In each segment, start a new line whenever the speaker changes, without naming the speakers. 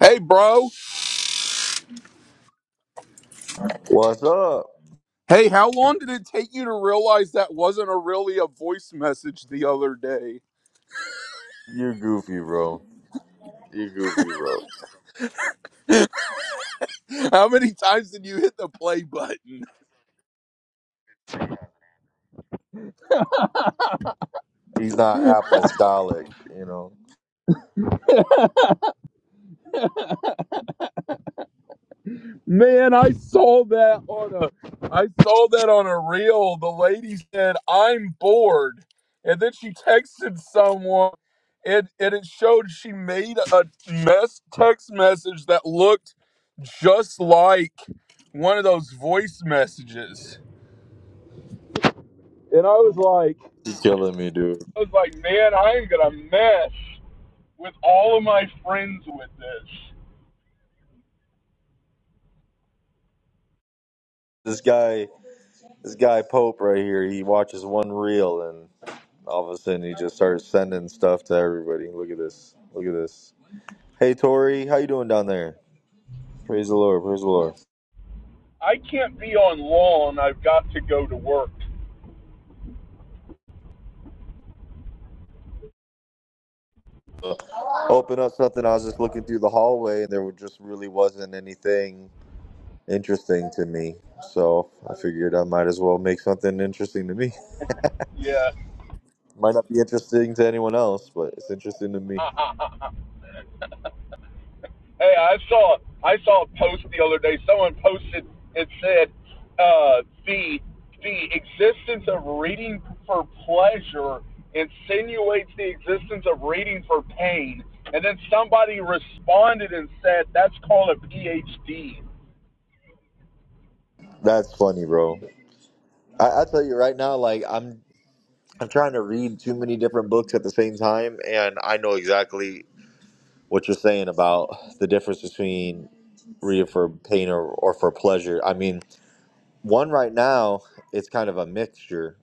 Hey, bro.
What's up?
Hey, how long did it take you to realize that wasn't a really a voice message the other day?
You goofy, bro. You goofy, bro.
How many times did you hit the play button?
He's not apostolic, you know.
Man, I saw that on a I saw that on a reel. The lady said, "I'm bored." And then she texted someone and and it showed she made a mess text message that looked just like one of those voice messages. And I was like.
You killing me, dude.
I was like, man, I am gonna mess with all of my friends with this.
This guy, this guy Pope right here. He watches one reel, and all of a sudden he just starts sending stuff to everybody. Look at this. Look at this. Hey, Tori, how you doing down there? Praise the Lord. Praise the Lord.
I can't be on lawn. I've got to go to work.
Open up something. I was just looking through the hallway, and there were- just really wasn't anything interesting to me. So I figured I might as well make something interesting to me.
Yeah.
Might not be interesting to anyone else, but it's interesting to me.
hey, I saw I saw a post the other day. Someone posted and said uh, the the existence of reading for pleasure insinuates the existence of reading for pain. And then somebody responded and said, "That's called a PhD."
That's funny, bro. I, I tell you right now, like I'm I'm trying to read too many different books at the same time, and I know exactly what you're saying about the difference between reading for pain or, or for pleasure. I mean, one right now, it's kind of a mixture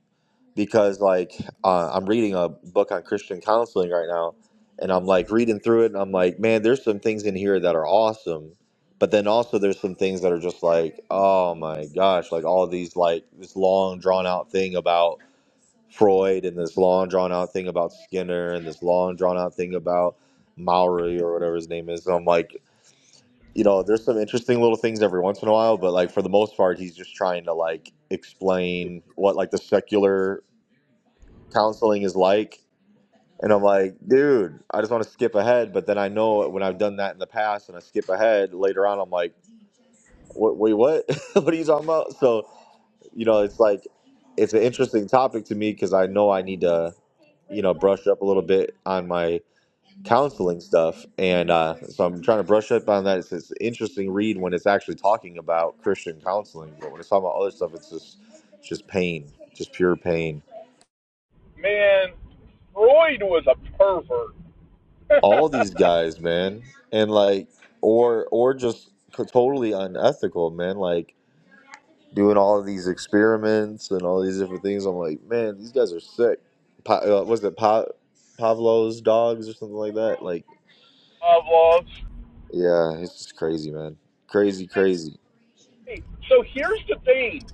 because like uh, I'm reading a book on Christian counseling right now, and I'm like reading through it, and I'm like, man, there's some things in here that are awesome, but then also there's some things that are just like, oh my gosh, like all these like this long drawn out thing about Freud and this long drawn out thing about Skinner and this long drawn out thing about Maury or whatever his name is. And I'm like, you know, there's some interesting little things every once in a while, but like for the most part, he's just trying to like explain what like the secular counseling is like. And I'm like, dude, I just want to skip ahead. But then I know when I've done that in the past and I skip ahead later on, I'm like, what, wait, what? what are you talking about? So, you know, it's like, it's an interesting topic to me because I know I need to, you know, brush up a little bit on my counseling stuff. And uh, so I'm trying to brush up on that. It's, it's an interesting read when it's actually talking about Christian counseling. But when it's talking about other stuff, it's just, it's just pain, just pure pain.
Man, Freud was a pervert.
all these guys, man, and like, or or just co- totally unethical, man. Like doing all of these experiments and all these different things. I'm like, man, these guys are sick. Pa- uh, was it pa- Pavlov's dogs or something like that? Like,
of love.
yeah, it's just crazy, man. Crazy, crazy.
Hey, So here's the thing.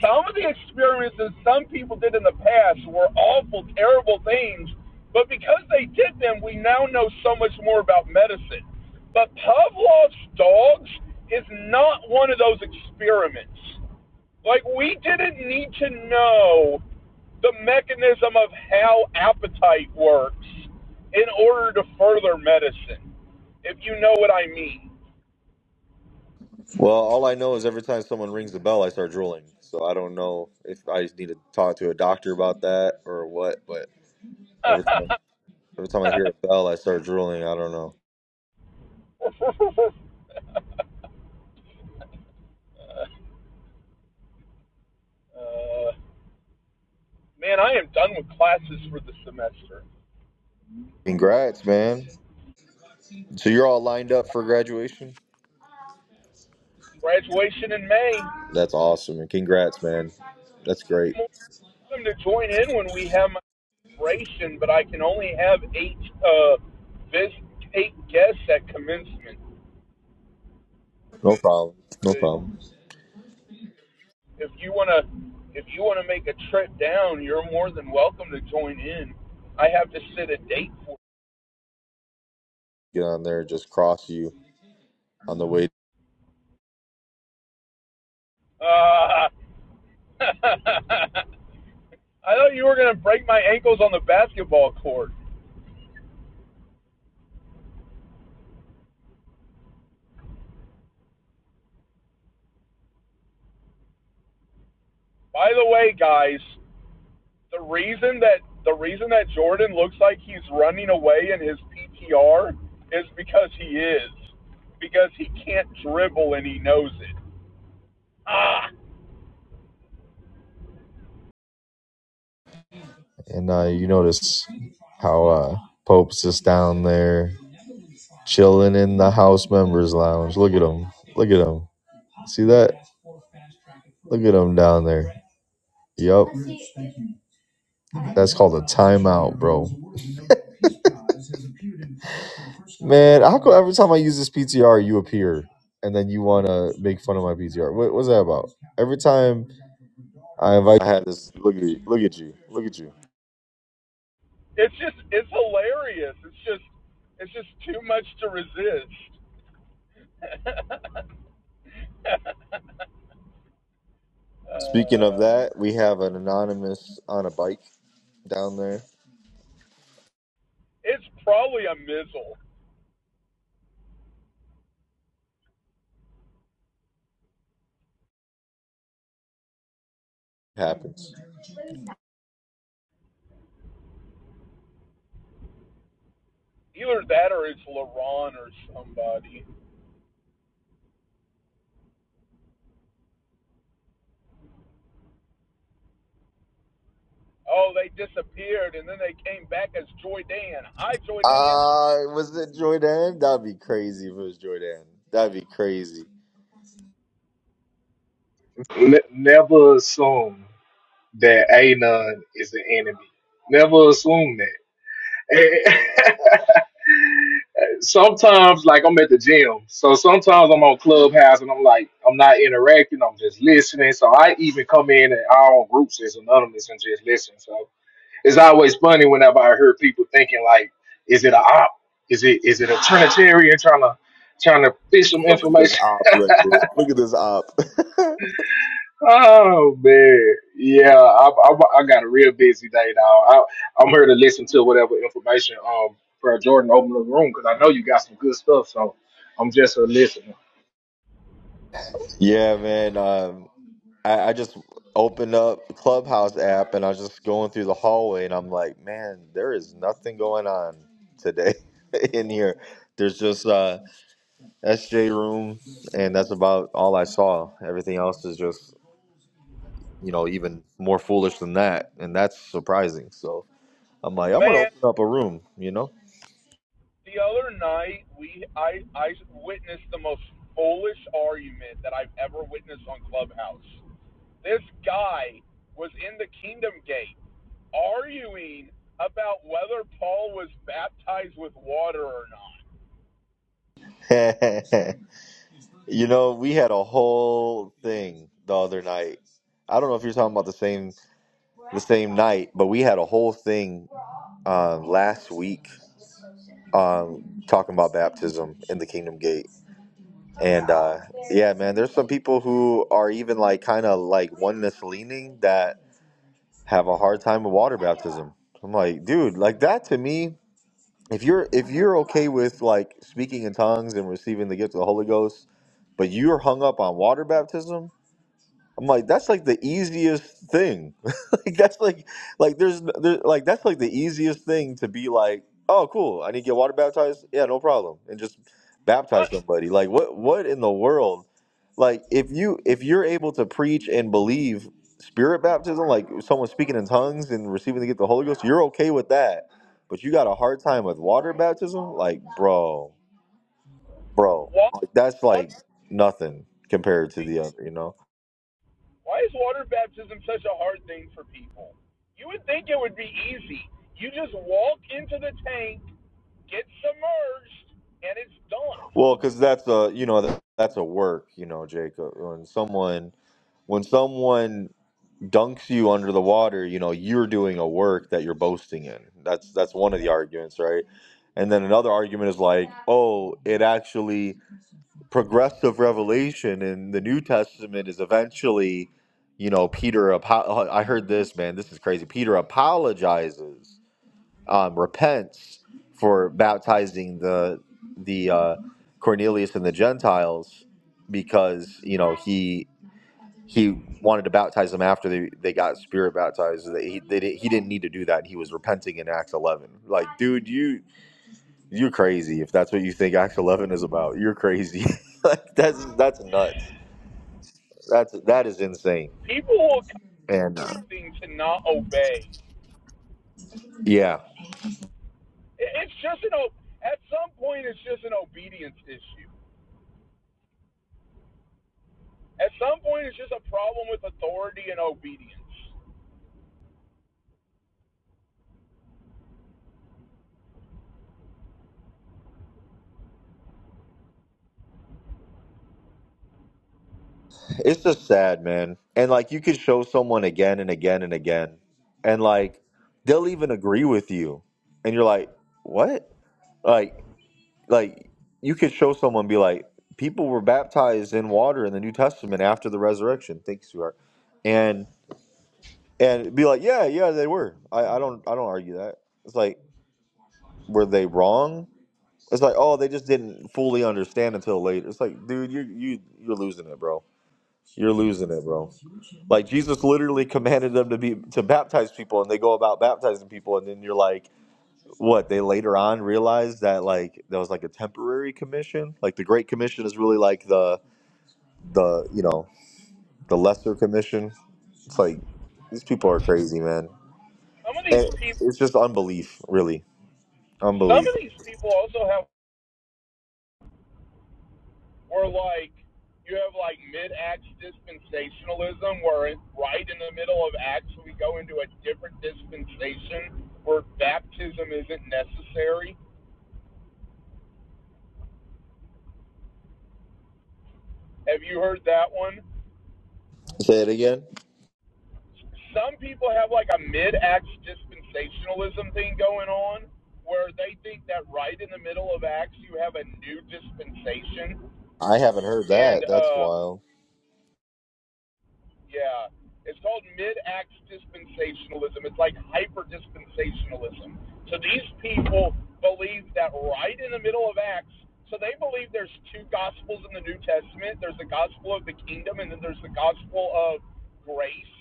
Some of the experiences some people did in the past were awful, terrible things, but because they did them, we now know so much more about medicine. But Pavlov's dogs is not one of those experiments. Like, we didn't need to know the mechanism of how appetite works in order to further medicine, if you know what I mean.
Well, all I know is every time someone rings the bell, I start drooling. So I don't know if I need to talk to a doctor about that or what. But every time, every time I hear a bell, I start drooling. I don't know.
Man, I am done with classes for the semester.
Congrats, man. So you're all lined up for graduation?
graduation in May.
That's awesome. And congrats, man. That's great.
Welcome to join in when we have my graduation, but I can only have eight uh vis- eight guests at commencement.
No problem. No
But
problem.
if you wanna if you wanna make a trip down, you're more than welcome to join in. I have to set a date for.
Get on there, just cross you on the way.
Uh, I thought you were gonna break my ankles on the basketball court. By the way, guys, the reason that the reason that Jordan looks like he's running away in his PTR is because he is. Because he can't dribble and he knows it.
And uh, you notice how uh, Pope's just down there chilling in the house members lounge. Look at him. Look at him. See that? Look at him down there. Yup. That's called a timeout, bro. Man, how come every time I use this PTR, you appear and then you want to make fun of my PTR? What, what's that about? Every time I invite. I had this. Look at you. Look at you. Look at you.
It's just it's hilarious. It's just it's just too much to resist.
Speaking of
Uh,
that, we have an anonymous on a bike down there.
it's probably a Mizzle.
happens.
Either that or it's LaRon or somebody. Oh, they disappeared and then they came back as Joy Dan. Hi Joy Dan.
Uh, was it Jordan? That'd be crazy if it was Jordan. That'd be crazy.
Ne- never assume that Anon is the enemy. Never assume that. sometimes, like I'm at the gym, so sometimes I'm on Clubhouse and I'm like, I'm not interacting, I'm just listening. So I even come in and our own groups is anonymous and just listen. So it's always funny whenever I hear people thinking like, is it a op? Is it is it a Trinitarian trying to trying to fish some
Oh, look at
information
this op right here. Look at this op.
Oh man, yeah, I, I, I got a real busy day, dog. I, I'm here to listen to whatever information um for Jordan open the room because I know you got some good stuff, so I'm just a listener.
yeah, man. Um, I, I just opened up the Clubhouse app and I was just going through the hallway and I'm like, man, there is nothing going on today in here. There's just uh SJ room, and that's about all I saw. Everything else is just, you know, even more foolish than that, and that's surprising. So I'm like, I'm gonna
Man,
open up a room, you know.
The other night, we I I witnessed the most foolish argument that I've ever witnessed on Clubhouse. This guy was in the Kingdom Gate arguing about whether Paul was baptized with water or not.
you know, we had a whole thing the other night. I don't know if you're talking about the same the same night, but we had a whole thing uh, last week um, talking about baptism in the Kingdom Gate. And uh, yeah, man, there's some people who are even like kind of like oneness leaning that have a hard time with water baptism. I'm like, dude, like that to me, if you're if you're okay with like speaking in tongues and receiving the gift of the Holy Ghost, but you're hung up on water baptism, I'm like, that's like the easiest thing. like that's like like there's there, like that's like the easiest thing to be like, oh cool, I need to get water baptized. Yeah, no problem. And just baptize
What?
somebody. Like what what in the world? Like if you if you're able to preach and believe spirit baptism, like someone speaking in tongues and receiving to get the Holy Ghost, you're okay with that. But you got a hard time with water baptism? Like, bro, bro.
Why,
Like that's like nothing compared to the other, you know?
why is water baptism such a hard thing for people? You would think it would be easy. You just walk into the tank, get submerged, and it's done.
Well, because that's a you know that, that's a work you know Jacob. When someone when someone dunks you under the water, you know you're doing a work that you're boasting in. That's that's one of the arguments, right? And then another argument is like, oh, it actually progressive revelation in the New Testament is eventually, you know, Peter. apo- I heard this man. This is crazy. Peter apologizes um, repents for baptizing the the uh, Cornelius and the Gentiles because you know he he wanted to baptize them after they, they got spirit baptized. They, he they, di- he didn't need to do that. He was repenting in Acts eleven. Like, dude, you you're crazy if that's what you think Acts eleven is about. You're crazy. like that's that's nuts. That's that is insane.
People
And uh,
seem to not obey
yeah.
It's just an at some point it's just an obedience issue. At some point it's just a problem with authority and obedience.
It's just sad, man. And like you could show someone again and again and again, and like they'll even agree with you, and you're like, what? Like, like you could show someone be like, people were baptized in water in the New Testament after the resurrection. Thanks, you are, and and be like, yeah, yeah, they were. I, I don't I don't argue that. It's like, were they wrong? It's like, oh, they just didn't fully understand until later. It's like, dude, you you you're losing it, bro. You're losing it, bro. Like Jesus literally commanded them to be to baptize people, and they go about baptizing people, and then you're like, what? They later on realized that like that was like a temporary commission. Like the Great Commission is really like the the you know the lesser commission. It's like these people are crazy, man.
Some of these
And
people,
it's just unbelief, really,
some
unbelief.
of these people also have were like you have like mid acts dispensationalism where right in the middle of acts we go into a different dispensation where baptism isn't necessary. Have you heard that one?
Say it again.
some people have like a mid-act dispensationalism thing going on where they think that right in the middle of acts you have a new dispensation
I haven't heard that.
and
That's
uh
wild.
yeah it's called mid acts dispensationalism it's like hyper dispensationalism so these people believe that right in the middle of acts so they believe there's two gospels in the new testament there's the gospel of the kingdom and then there's the gospel of grace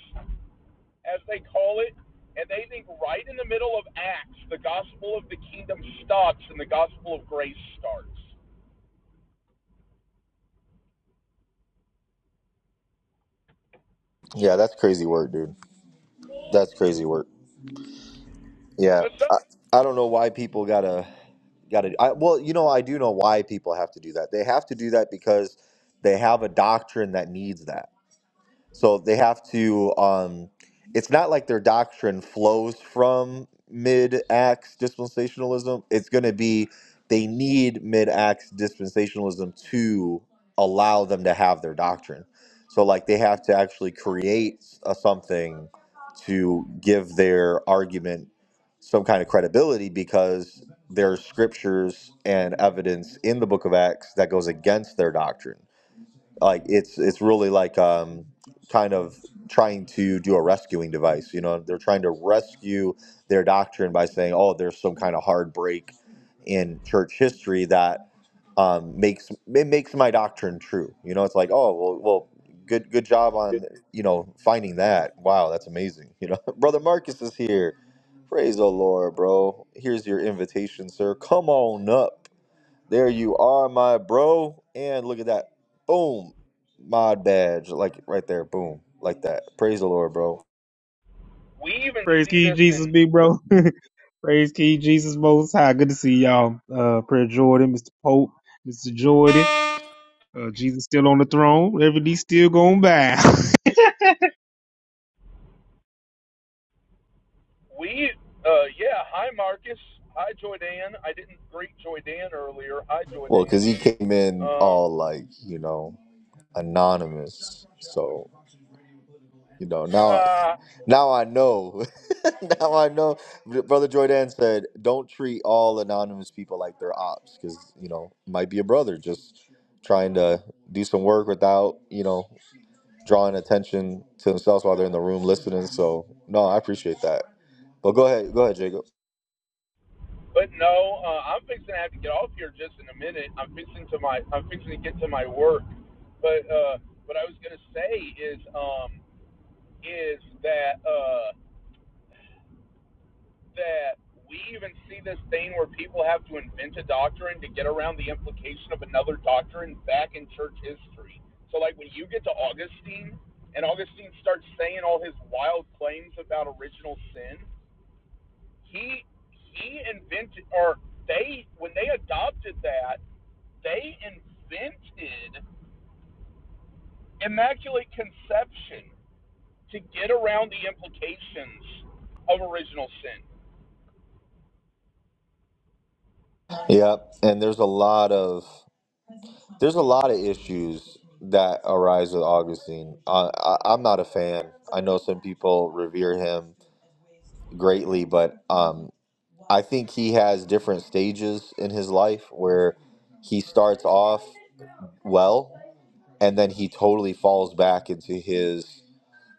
as they call it, and they think right in the middle of Acts, the gospel of the kingdom stops and the gospel of grace starts.
Yeah, that's crazy work, dude. That's crazy work. Yeah,
But some,
I, I don't know why people gotta. got to. I, well, you know, I do know why people have to do that. They have to do that because they have a doctrine that needs that. So they have to. Um, it's not like their doctrine flows from mid Acts dispensationalism. It's going to be they need mid Acts dispensationalism to allow them to have their doctrine. So like they have to actually create a, something to give their argument some kind of credibility because there's scriptures and evidence in the book of Acts that goes against their doctrine like it's it's really like um kind of trying to do a rescuing device you know they're trying to rescue their doctrine by saying oh there's some kind of hard break in church history that um, makes it makes my doctrine true you know it's like oh well well good good job on you know finding that wow that's amazing you know brother marcus is here praise the lord bro here's your invitation sir come on up there you are, my bro. And look at that. Boom. Mod badge. Like right there. Boom. Like that. Praise the Lord, bro.
we even
Praise
see
King
this
Jesus,
in
big bro. Praise King Jesus Most High. Good to see y'all. Uh, Prayer Jordan, Mr. Pope, Mr. Jordan. Uh, Jesus still on the throne. Everything's still going by.
we. Uh, yeah, hi Marcus, hi Joydan. I didn't greet Joydan earlier. Hi
Well, because
Joydan.
he came in
Um,
all like, you know, anonymous. So, you know, now
uh,
now I know. now I know. Brother Jordan said, don't treat all anonymous people like they're ops because, you know, might be a brother just trying to do some work without, you know. drawing attention to themselves while they're in the room listening. So no, I appreciate that. But go ahead, go ahead, Jacob.
but no, uh, I'm fixing to have to get off here just in a minute. I'm fixing to my I'm fixing to get to my work. But uh, what I was gonna say is um, is that. Uh, that we even see this thing where people have to invent a doctrine to get around the implication of another doctrine back in church history. So, like, when you get to Augustine and Augustine starts saying all his wild claims about original sin, he he invented or they when they adopted that they invented immaculate conception to get around the implications of original sin.
Yeah, and there's a lot of there's a lot of issues that arise with Augustine. I, I, I'm not a fan. I know some people revere him greatly, but um, I think he has different stages in his life where he starts off well, and then he totally falls back into his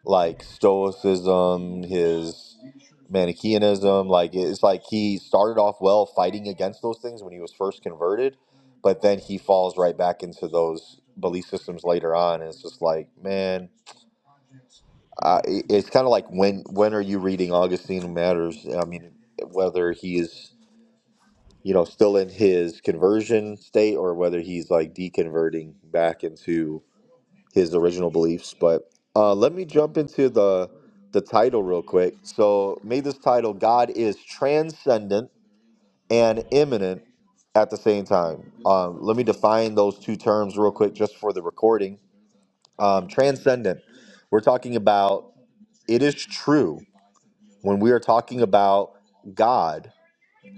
like stoicism, his Manichaeanism. Like it's like he started off well fighting against those things when he was first converted, but then he falls right back into those belief systems later on. And it's just like, man, I, it- it's kind of like when when are you reading Augustine Matters? I mean, whether he is you know still in his conversion state or whether he's like deconverting back into his original beliefs. But uh, let me jump into the the title real quick. So made this title God is transcendent and immanent at the same time. Um, let me define those two terms real quick just for the recording. Um, transcendent. We're talking about it is true when we are talking about God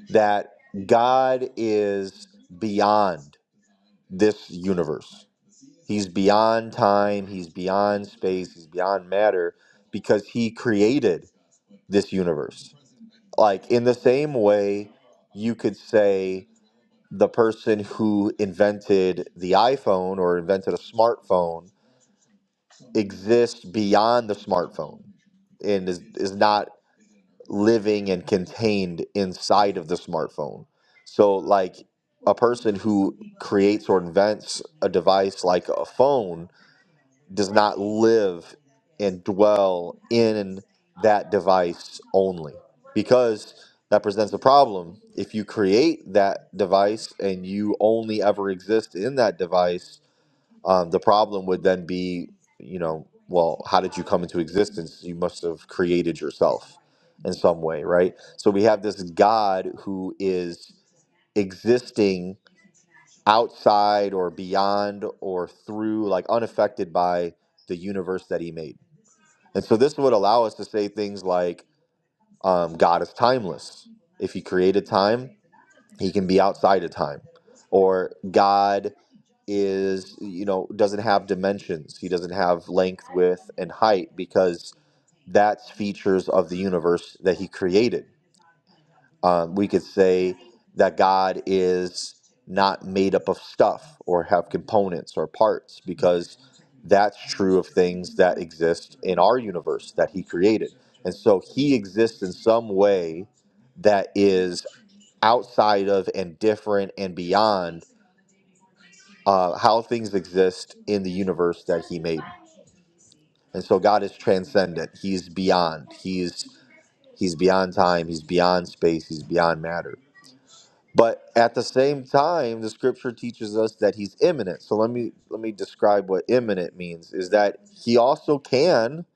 that God is beyond this universe. He's beyond time, he's beyond space, he's beyond matter because he created this universe. Like in the same way you could say the person who invented the iPhone or invented a smartphone exists beyond the smartphone and is, is not living and contained inside of the smartphone. So like a person who creates or invents a device like a phone does not live and dwell in that device only because that presents a problem if you create that device and you only ever exist in that device um, the problem would then be you know well how did you come into existence you must have created yourself in some way right so we have this god who is existing outside or beyond or through, like unaffected by the universe that he made. And so this would allow us to say things like um, God is timeless. If he created time, he can be outside of time. Or God is, you know, doesn't have dimensions, he doesn't have length, width, and height because that's features of the universe that he created um, we could say that God is not made up of stuff or have components or parts because that's true of things that exist in our universe that He created. And so He exists in some way that is outside of and different and beyond uh, how things exist in the universe that He made. And so God is transcendent. He's beyond. He's He's beyond time. He's beyond space. He's beyond matter. But at the same time, the scripture teaches us that he's imminent. So let me let me describe what imminent means is that he also can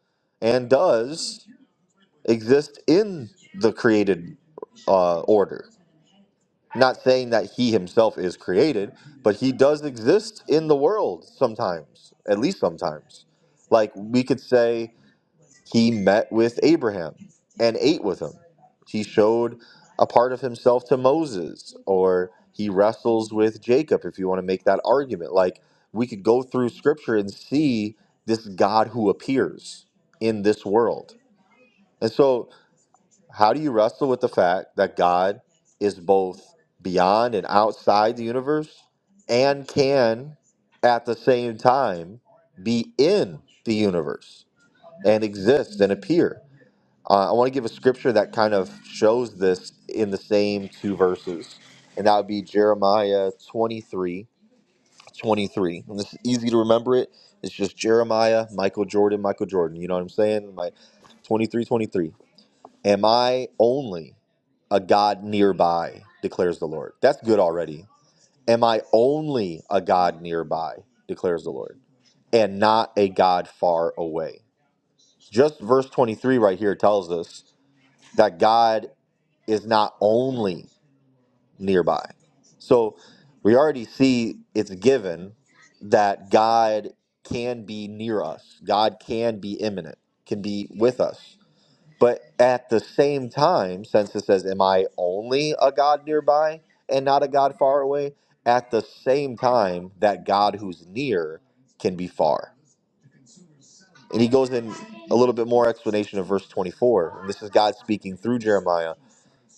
and does exist in the created uh, order. Not saying that he himself is created, but he does exist in the world sometimes, at least sometimes. Like we could say, he met with Abraham and ate with him. He showed a part of himself to Moses, or he wrestles with Jacob, if you want to make that argument. Like, we could go through scripture and see this God who appears in this world. And so, how do you wrestle with the fact that God is both beyond and outside the universe and can at the same time be in the universe and exist and appear? Uh, I want to give a scripture that kind of shows this in the same two verses, and that would be Jeremiah 23, 23. And this is easy to remember it. It's just Jeremiah, Michael Jordan, Michael Jordan. You know what I'm saying? My 23, 23. Am I only a God nearby, declares the Lord. That's good already. Am I only a God nearby, declares the Lord, and not a God far away? Just verse 23 right here tells us that God is not only nearby. So we already see it's given that God can be near us, God can be imminent, can be with us. But at the same time, since it says, Am I only a God nearby and not a God far away? At the same time, that God who's near can be far. And he goes in a little bit more explanation of verse 24. And this is God speaking through Jeremiah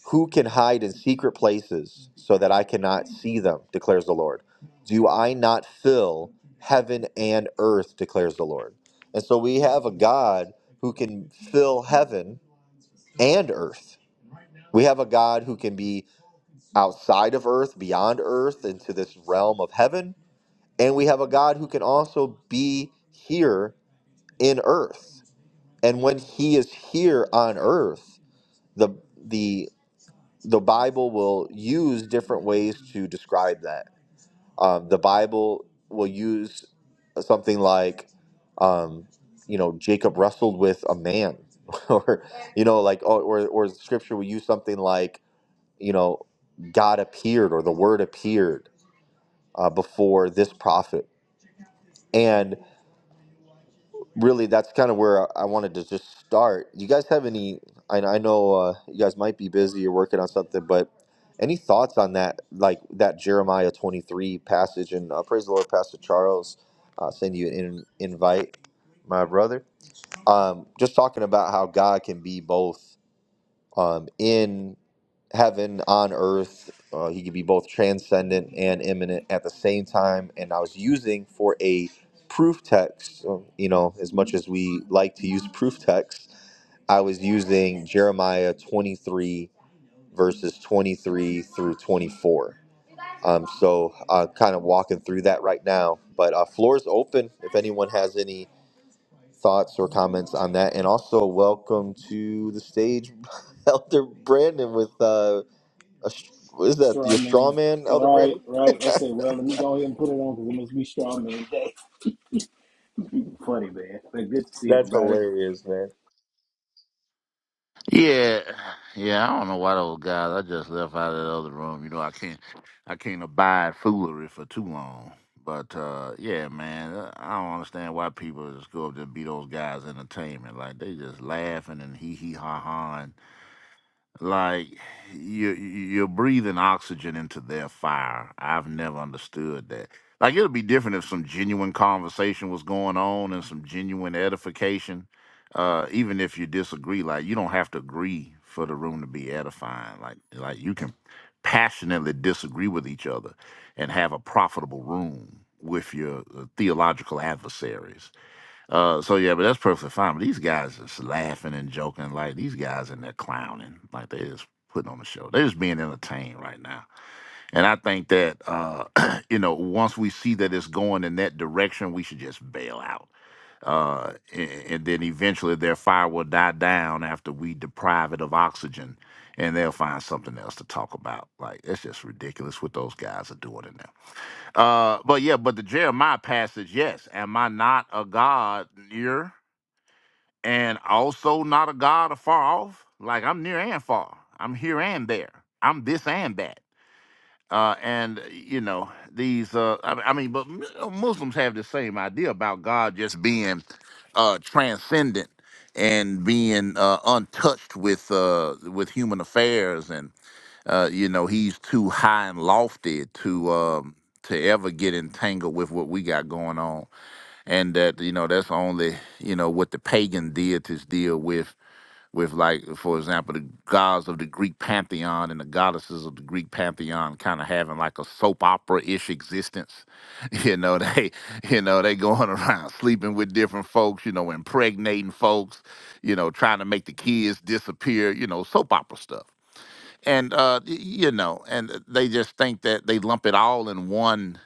who can hide in secret places so that I cannot see them, declares the Lord? Do I not fill heaven and earth, declares the Lord? And so we have a God who can fill heaven and earth. We have a God who can be outside of earth, beyond earth, into this realm of heaven. And we have a God who can also be here in earth. And when he is here on earth, the the the Bible will use different ways to describe that. Um, the Bible will use something like, um, you know, Jacob wrestled with a man, or you know, like, or, or or Scripture will use something like, you know, God appeared or the Word appeared uh, before this prophet, and. really that's kind of where I I wanted to just start. You guys have any? I, I know uh, you guys might be busy or working on something, but any thoughts on that, like that Jeremiah twenty three passage? And uh, praise the Lord, Pastor Charles, uh, send you an in, invite, my brother. Um, just talking about how God can be both um, in heaven on earth. Uh, he could be both transcendent and imminent at the same time. And I was using for a proof text, uh, you know, as much as we like to use proof text, I was using Jeremiah 23, verses 23 through 24. Um, so uh, kind of walking through that right now. But uh, floor is open if anyone has any thoughts or comments on that. And also, welcome to the stage, Elder Brandon, with. Uh, a, str- is that
Straw
your straw
man.
man, Elder
Right,
Brandon?
right. I said, well, let me go ahead and put it on because it must be straw man day. Funny, man. But good to see
That's
everybody.
hilarious, man.
Yeah, yeah. I don't know why those guys. I just left out of the other room. You know, I can't, I can't abide foolery for too long. But uh, yeah, man, uh, I don't understand why people just go up there and be those guys' entertainment. Like they just laughing and hee hee ha ha. Like you, you're breathing oxygen into their fire. I've never understood that. Like it'd be different if some genuine conversation was going on and some genuine edification. Uh, even if you disagree, like you don't have to agree for the room to be edifying. Like like you can passionately disagree with each other and have a profitable room with your uh, theological adversaries. Uh, so yeah, but that's perfectly fine. But these guys just laughing and joking, like these guys in there clowning, like they just putting on a show. They're just being entertained right now. And I think that uh, you know, once we see that it's going in that direction, we should just bail out. Uh, and, and then eventually their fire will die down after we deprive it of oxygen, and they'll find something else to talk about. Like it's just ridiculous what those guys are doing in there. Uh, but yeah, but the Jeremiah passage, yes. Am I not a God? you and also not a God afar off. Like I'm near and far. I'm here and there. I'm this and that. Uh, and uh, you know these. Uh, I, I mean, but mu- uh, Muslims have the same idea about God just being uh, transcendent and being uh, untouched with uh, with human affairs, and uh, you know he's too high and lofty to um, to ever get entangled with what we got going on and that you know that's only you know what the pagan deities deal with with like for example the gods of the greek pantheon and the goddesses of the greek pantheon kind of having like a soap opera-ish existence you know they you know they going around sleeping with different folks you know impregnating folks you know trying to make the kids disappear you know soap opera stuff and uh y- you know and they just think that they lump it all in one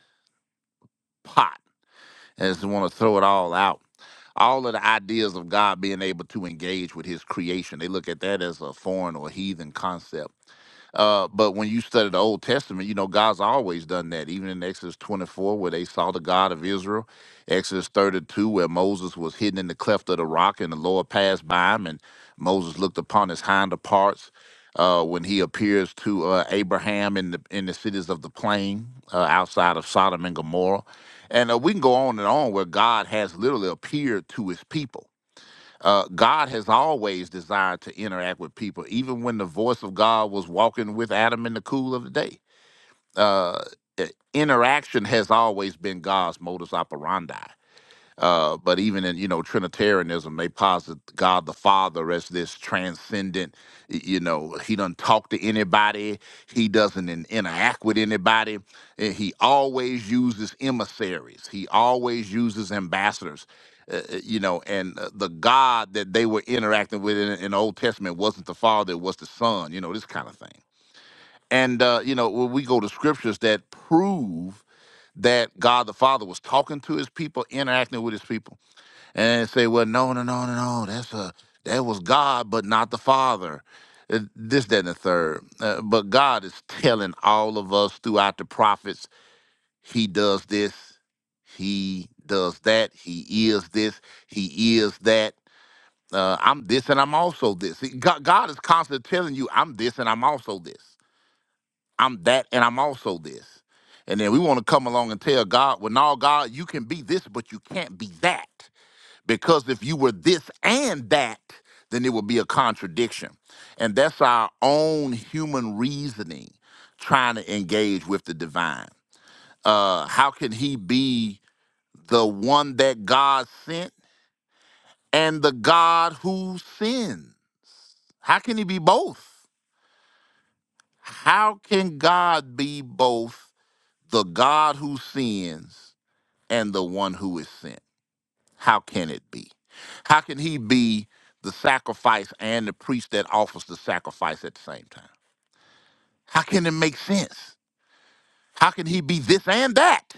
pot and just want to throw it all out all of the ideas of God being able to engage with his creation. They look at that as a foreign or heathen concept uh, but when you study the Old Testament, you know, God's always done that. Even in Exodus 24, where they saw the God of Israel, Exodus 32, where Moses was hidden in the cleft of the rock and the Lord passed by him, and Moses looked upon his hinder parts. Uh, when he appears to uh, Abraham in the in the cities of the plain uh, outside of Sodom and Gomorrah, and uh, we can go on and on where God has literally appeared to His people uh, God has always desired to interact with people, even when the voice of God was walking with Adam in the cool of the day. Uh, i- interaction has always been God's modus operandi. Uh, but even in you know Trinitarianism, they posit God the Father as this transcendent. y- You know, He doesn't talk to anybody. He doesn't in- interact with anybody. and He always uses emissaries. He always uses ambassadors. Uh, uh, you know, and uh, the God that they were interacting with in, in the Old Testament wasn't the Father; it was the Son. You know, this kind of thing. And uh, you know, when we go to scriptures that prove that God the Father was talking to His people, interacting with His people and say, "Well, no, no, no, no, no. That's a that was God, but not the Father." Uh, This, that, and the third. Uh, but God is telling all of us throughout the prophets, He does this, He does that, He is this, He is that. Uh, I'm this and I'm also this. See, God, God is constantly telling you, I'm this and I'm also this. I'm that and I'm also this. And then we want to come along and tell God, well, no, God, you can be this, but you can't be that because if you were this and that, then it would be a contradiction. And that's our own human reasoning trying to engage with the divine. Uh, how can he be the one that God sent and the God who sins? How can he be both? How can God be both the God who sins and the one who is sent? How can it be? How can he be the sacrifice and the priest that offers the sacrifice at the same time? How can it make sense? How can he be this and that?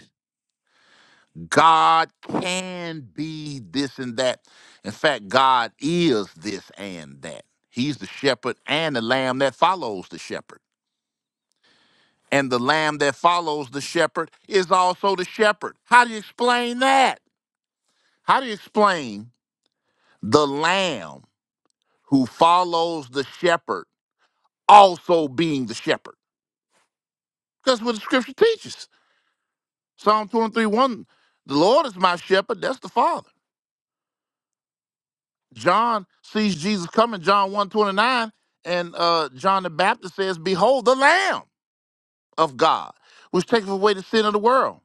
God can be this and that. In fact, God is this and that. He's the shepherd and the lamb that follows the shepherd. And the lamb that follows the shepherd is also the shepherd. How do you explain that? How do you explain the lamb who follows the shepherd? also being the shepherd. That's what the scripture teaches. Psalm 23 1, the Lord is my shepherd, that's the Father. John sees Jesus coming, John one twenty-nine, and uh, John the Baptist says, Behold, the Lamb of God, which taketh away the sin of the world.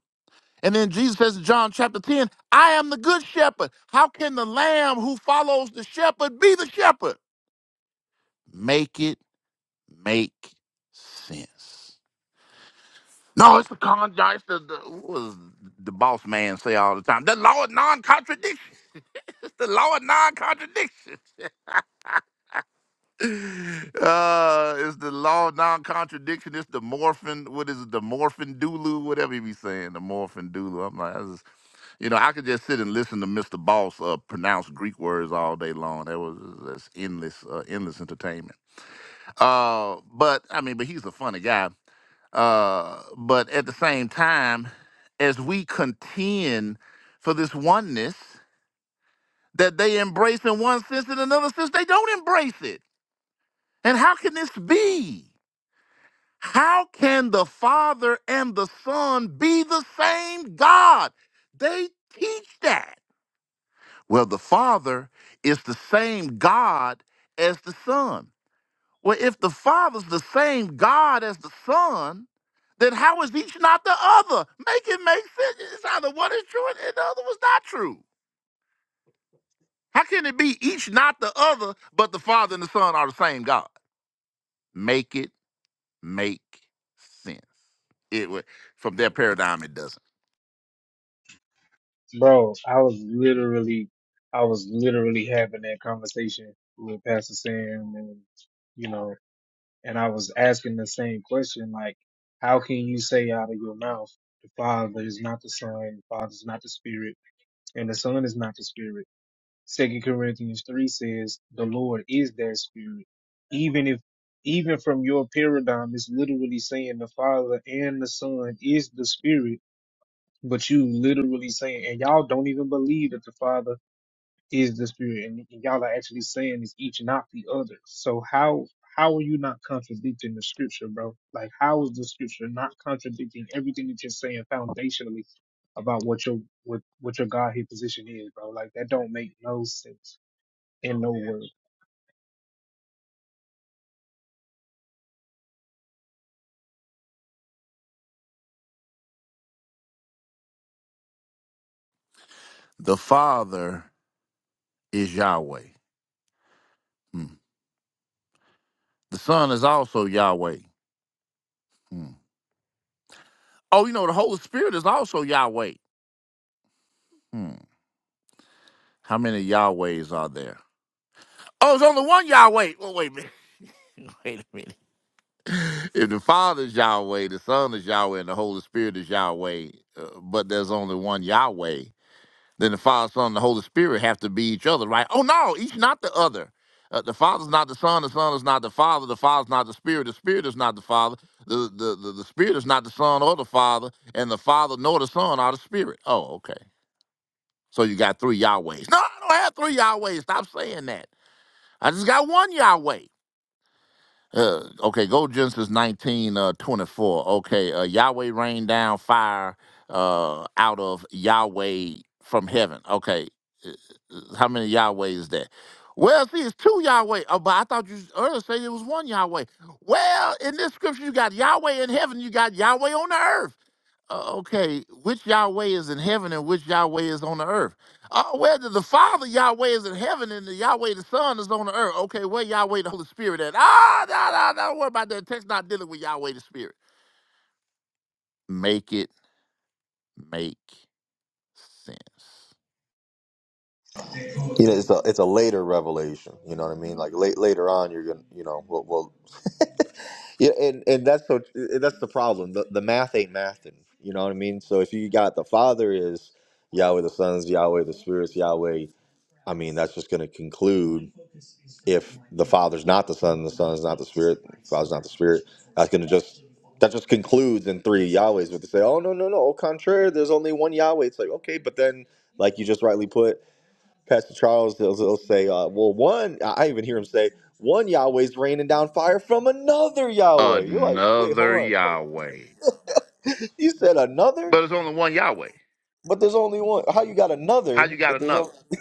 And then Jesus says in John chapter 10, I am the good shepherd. How can the lamb who follows the shepherd be the shepherd? Make it make sense. No, it's the con. It's the, the what was the boss man say all the time. The law of non-contradiction. It's the law of non-contradiction. uh, it's the law of non-contradiction. It's the morphin. What is it? The morphin doulu. Whatever you be saying. The morphin doulu. I'm like, I just, you know, I could just sit and listen to Mr. Boss uh, pronounce Greek words all day long. That was that's endless, uh, endless entertainment. Uh, but I mean, but he's a funny guy. Uh, but at the same time, as we contend for this oneness that they embrace in one sense, in another sense, they don't embrace it. And how can this be? How can the Father and the Son be the same God? They teach that. Well, the Father is the same God as the Son. Well, if the Father's the same God as the Son, then how is each not the other? Make it make sense. It's either one is true and the other was not true. How can it be each not the other, but the Father and the Son are the same God? Make it make sense. It wa- from their paradigm, it doesn't.
Bro, I was literally, I was literally having that conversation with Pastor Sam and, you know, and I was asking the same question, like, how can you say out of your mouth, the Father is not the Son, the Father is not the Spirit, and the Son is not the Spirit? Second Corinthians three says the Lord is that spirit. Even if even from your paradigm, it's literally saying the Father and the Son is the Spirit, but you literally saying, and y'all don't even believe that the Father is the Spirit, and y'all are actually saying it's each not the other. So how how are you not contradicting the Scripture, bro? Like how is the Scripture not contradicting everything that you're saying foundationally about what your what what your Godhead position is, bro? Like that don't make no sense in no way.
The Father is Yahweh. Hmm. The Son is also Yahweh. Hmm. Oh, you know, the Holy Spirit is also Yahweh. Hmm. How many Yahwehs are there? Oh, it's only one Yahweh. Well, wait a minute. Wait a minute. If the Father is Yahweh, the Son is Yahweh, and the Holy Spirit is Yahweh, uh, but there's only one Yahweh, then the Father, Son, and the Holy Spirit have to be each other, right? Oh, no, each not the other. Uh, the Father's not the Son, the Son is not the Father, the Father's not the Spirit, the Spirit is not the Father, the, the, the, the Spirit is not the Son or the Father, and the Father nor the Son are the Spirit. Oh, okay. So you got three Yahwehs. No, I don't have three Yahwehs. Stop saying that. I just got one Yahweh. Uh, okay, go to Genesis 19, uh, 24. Okay, uh, Yahweh rained down fire uh, out of Yahweh from heaven. Okay, uh, how many Yahweh is that? Well, see, it's two Yahweh. Oh, but I thought you earlier said it was one Yahweh. Well, in this scripture, you got Yahweh in heaven, you got Yahweh on the earth. Uh, okay, which Yahweh is in heaven and which Yahweh is on the earth? Uh, whether the Father Yahweh is in heaven and the Yahweh the Son is on the earth. Okay, where Yahweh the Holy Spirit at? Ah, no, no, no. What about that? Text not dealing with Yahweh the Spirit. Make it make sense.
You know, it's a it's a later revelation. You know what I mean? Like late later on, you're gonna, you know, we'll, we'll yeah, and and that's so and that's the problem. The the math ain't mathing. You know what I mean? So if you got the Father is Yahweh, the Son's Yahweh, the Spirit's Yahweh. I mean, that's just gonna conclude. if the Father's not the Son, the Son is not the Spirit, the Father's not the Spirit, that's gonna just that just concludes in three Yahwehs. But they say, oh no no no, au contraire, there's only one Yahweh. It's like okay, but then like you just rightly put, Pastor Charles, he'll, he'll say, uh, well one, I I even hear him say, one Yahweh's raining down fire from another Yahweh. You're like, wait, hold
Another
on, hold
Yahweh,
on. you said another,
but it's only one Yahweh.
but there's only one. How you got
How
another
you got
if there's
another?
only?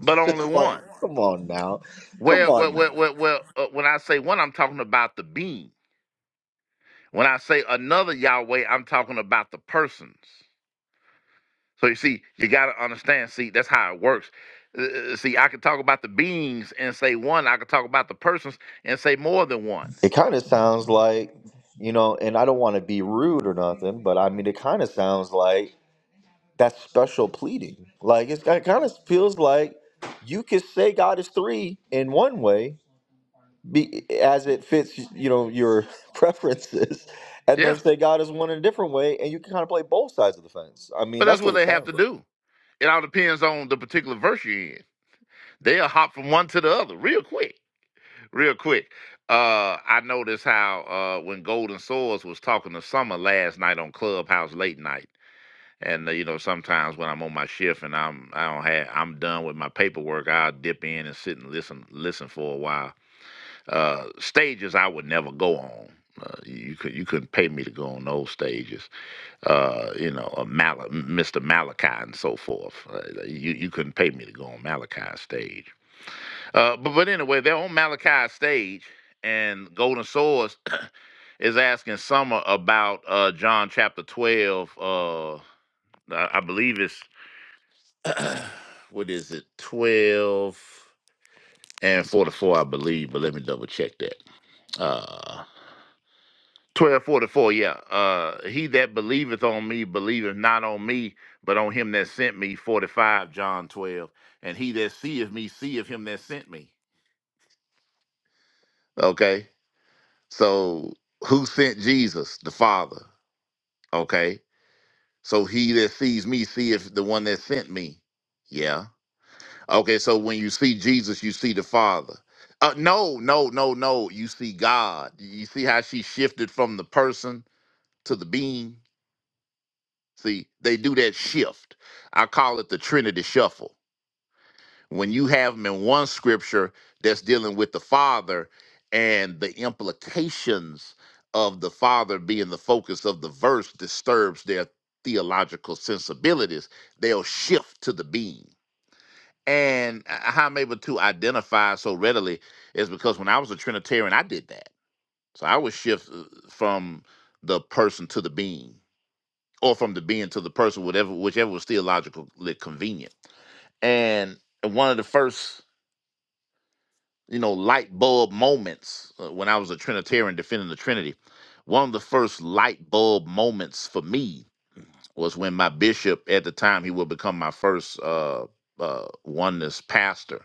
But
it's
only
just like,
one.
come on now, come
Well, well,
on now.
well, well. well uh, when I say one, I'm talking about the being. When I say another Yahweh, I'm talking about the persons. So you see, you got to understand. See, that's how it works. Uh, uh, see, I could talk about the beings and say one. I could talk about the persons and say more than one.
It kind of sounds like, you know, and I don't want to be rude or nothing, but I mean, it kind of sounds like that's special pleading. Like it's, it kind of feels like you could say God is three in one way, be, as it fits, you know, your preferences, and then
Yeah,
say God is one in a different way, and you can kind of play both sides of the fence. I mean,
but that's
that's
what
what it
they have
sounds
to
like.
do. It all depends on the particular verse you're in. They'll hop from one to the other real quick, real quick. Uh, I noticed how uh, when Golden Swords was talking to Summer last night on Clubhouse late night, and uh, you know sometimes when I'm on my shift and I'm I don't have I'm done with my paperwork, I'll dip in and sit and listen listen for a while uh, stages I would never go on. Uh, you could you couldn't pay me to go on those stages. Uh, you know, a Mal- Mr. Malachi and so forth. Uh, you you couldn't pay me to go on Malachi's stage. Uh, but but anyway, they're on Malachi's stage, and Golden Swords is asking Summer about uh, John chapter twelve. Uh, I I believe it's what is it twelve and forty four, I believe. But let me double check that. Uh, Twelve forty four, yeah. Uh, he that believeth on me believeth not on me, but on him that sent me. Forty five, John twelve, and he that seeth me seeth him that sent me. Okay, so who sent Jesus? The Father. Okay, so he that sees me seeth the one that sent me. Yeah. Okay, so when you see Jesus, you see the Father. Uh, no, no, no, no. You see God. You see how she shifted from the person to the being See, they do that shift. I call it the Trinity shuffle. When you have them in one scripture that's dealing with the Father and the implications of the Father being the focus of the verse disturbs their theological sensibilities, they'll shift to the being. And uh, how I'm able to identify so readily is because when I was a Trinitarian, I did that. So I would shift uh, from the person to the being or from the being to the person, whatever, whichever was theologically convenient. And one of the first, you know, light bulb moments uh, when I was a Trinitarian defending the Trinity, one of the first light bulb moments for me was when my bishop at the time he would become my first uh uh, oneness pastor,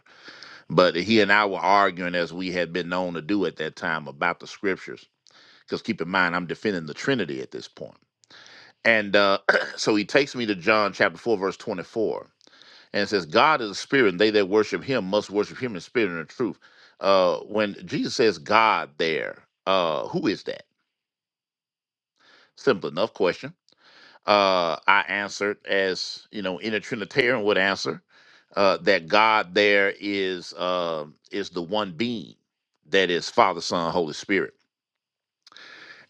but he and I were arguing as we had been known to do at that time about the scriptures. Because keep in mind, I'm defending the Trinity at this point. And uh, so he takes me to John chapter 4, verse 24 And it says, God is a spirit, and they that worship him must worship him in spirit and in truth. Uh, when Jesus says God there, uh, who is that? Simple enough question. Uh, I answered, as you know, in a Trinitarian would answer, uh, that God there is uh, is the one being that is Father, Son, Holy Spirit.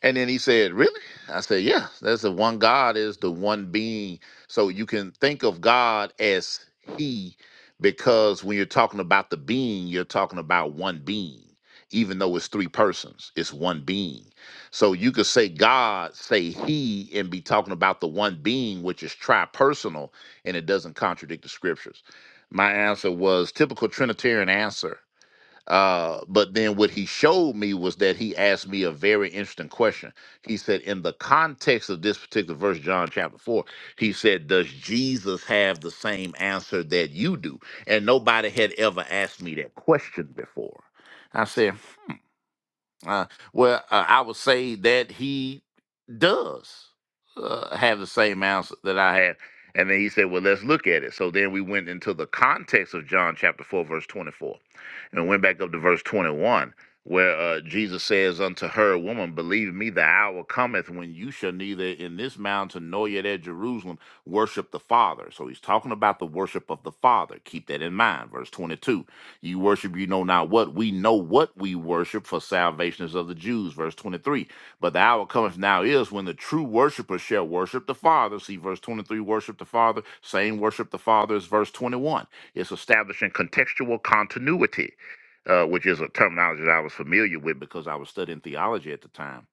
And then he said, Really? I said, Yeah, that's the one God is the one being. So you can think of God as He, because when you're talking about the being, you're talking about one being, even though it's three persons, it's one being. So you could say God, say He, and be talking about the one being, which is tripersonal, and it doesn't contradict the scriptures. My answer was typical Trinitarian answer uh, but then what he showed me was that he asked me a very interesting question. He said, in the context of this particular verse, John chapter 4, he said, Does Jesus have the same answer that you do? And nobody had ever asked me that question before. I said, uh, well, uh, I would say that he does uh, have the same answer that I had. And then he said, Well, let's look at it. So then we went into the context of John chapter 4, verse 24, and went back up to verse 21 where uh, Jesus says unto her, Woman, believe me, the hour cometh when you shall neither in this mountain nor yet at Jerusalem worship the Father. So he's talking about the worship of the Father. Keep that in mind. Verse 22 You worship, you know not what. We know what we worship, for salvation is of the Jews. Verse 23 But the hour cometh now is when the true worshipper shall worship the Father. See, verse 23 worship the Father. Same worship the Father is verse 21. It's establishing contextual continuity uh, which is a terminology that I was familiar with because I was studying theology at the time.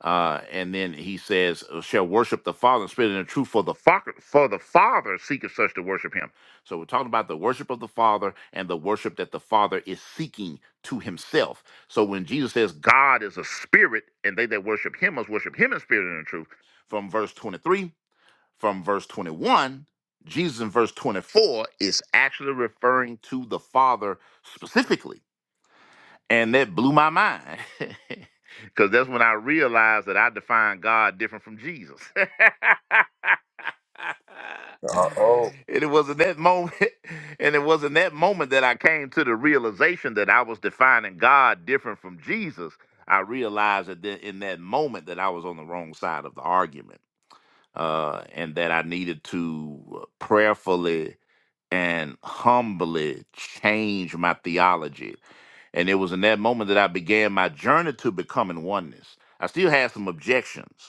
Uh, and then he says, "Uh, "Shall worship the Father in Spirit and the truth, for the Father, for the Father seeketh such to worship Him." So we're talking about the worship of the Father and the worship that the Father is seeking to Himself. So when Jesus says, "God is a spirit, and they that worship Him must worship Him in spirit and in truth," from verse twenty-three, from verse twenty-one, Jesus in verse twenty-four is actually referring to the Father specifically and that blew my mind. Because that's when I realized that I defined God different from Jesus. and
Uh, oh,
it was in that moment, and it was in that moment that I came to the realization that I was defining God different from Jesus. I realized that then in that moment that I was on the wrong side of the argument uh, and that I needed to uh, prayerfully and humbly change my theology. And it was in that moment that I began my journey to becoming oneness. I still had some objections,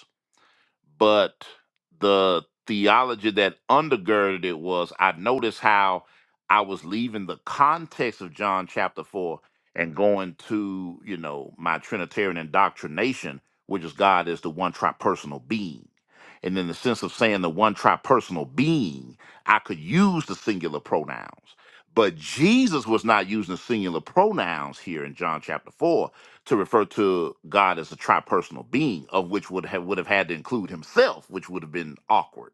but the theology that undergirded it was I noticed how I was leaving the context of John chapter 4 and going to, you know, my Trinitarian indoctrination, which is God is the one tripersonal being. And in the sense of saying the one tripersonal being, I could use the singular pronouns. But Jesus was not using the singular pronouns here in John chapter 4 to refer to God as a tri-personal being, of which would have would have had to include himself, which would have been awkward.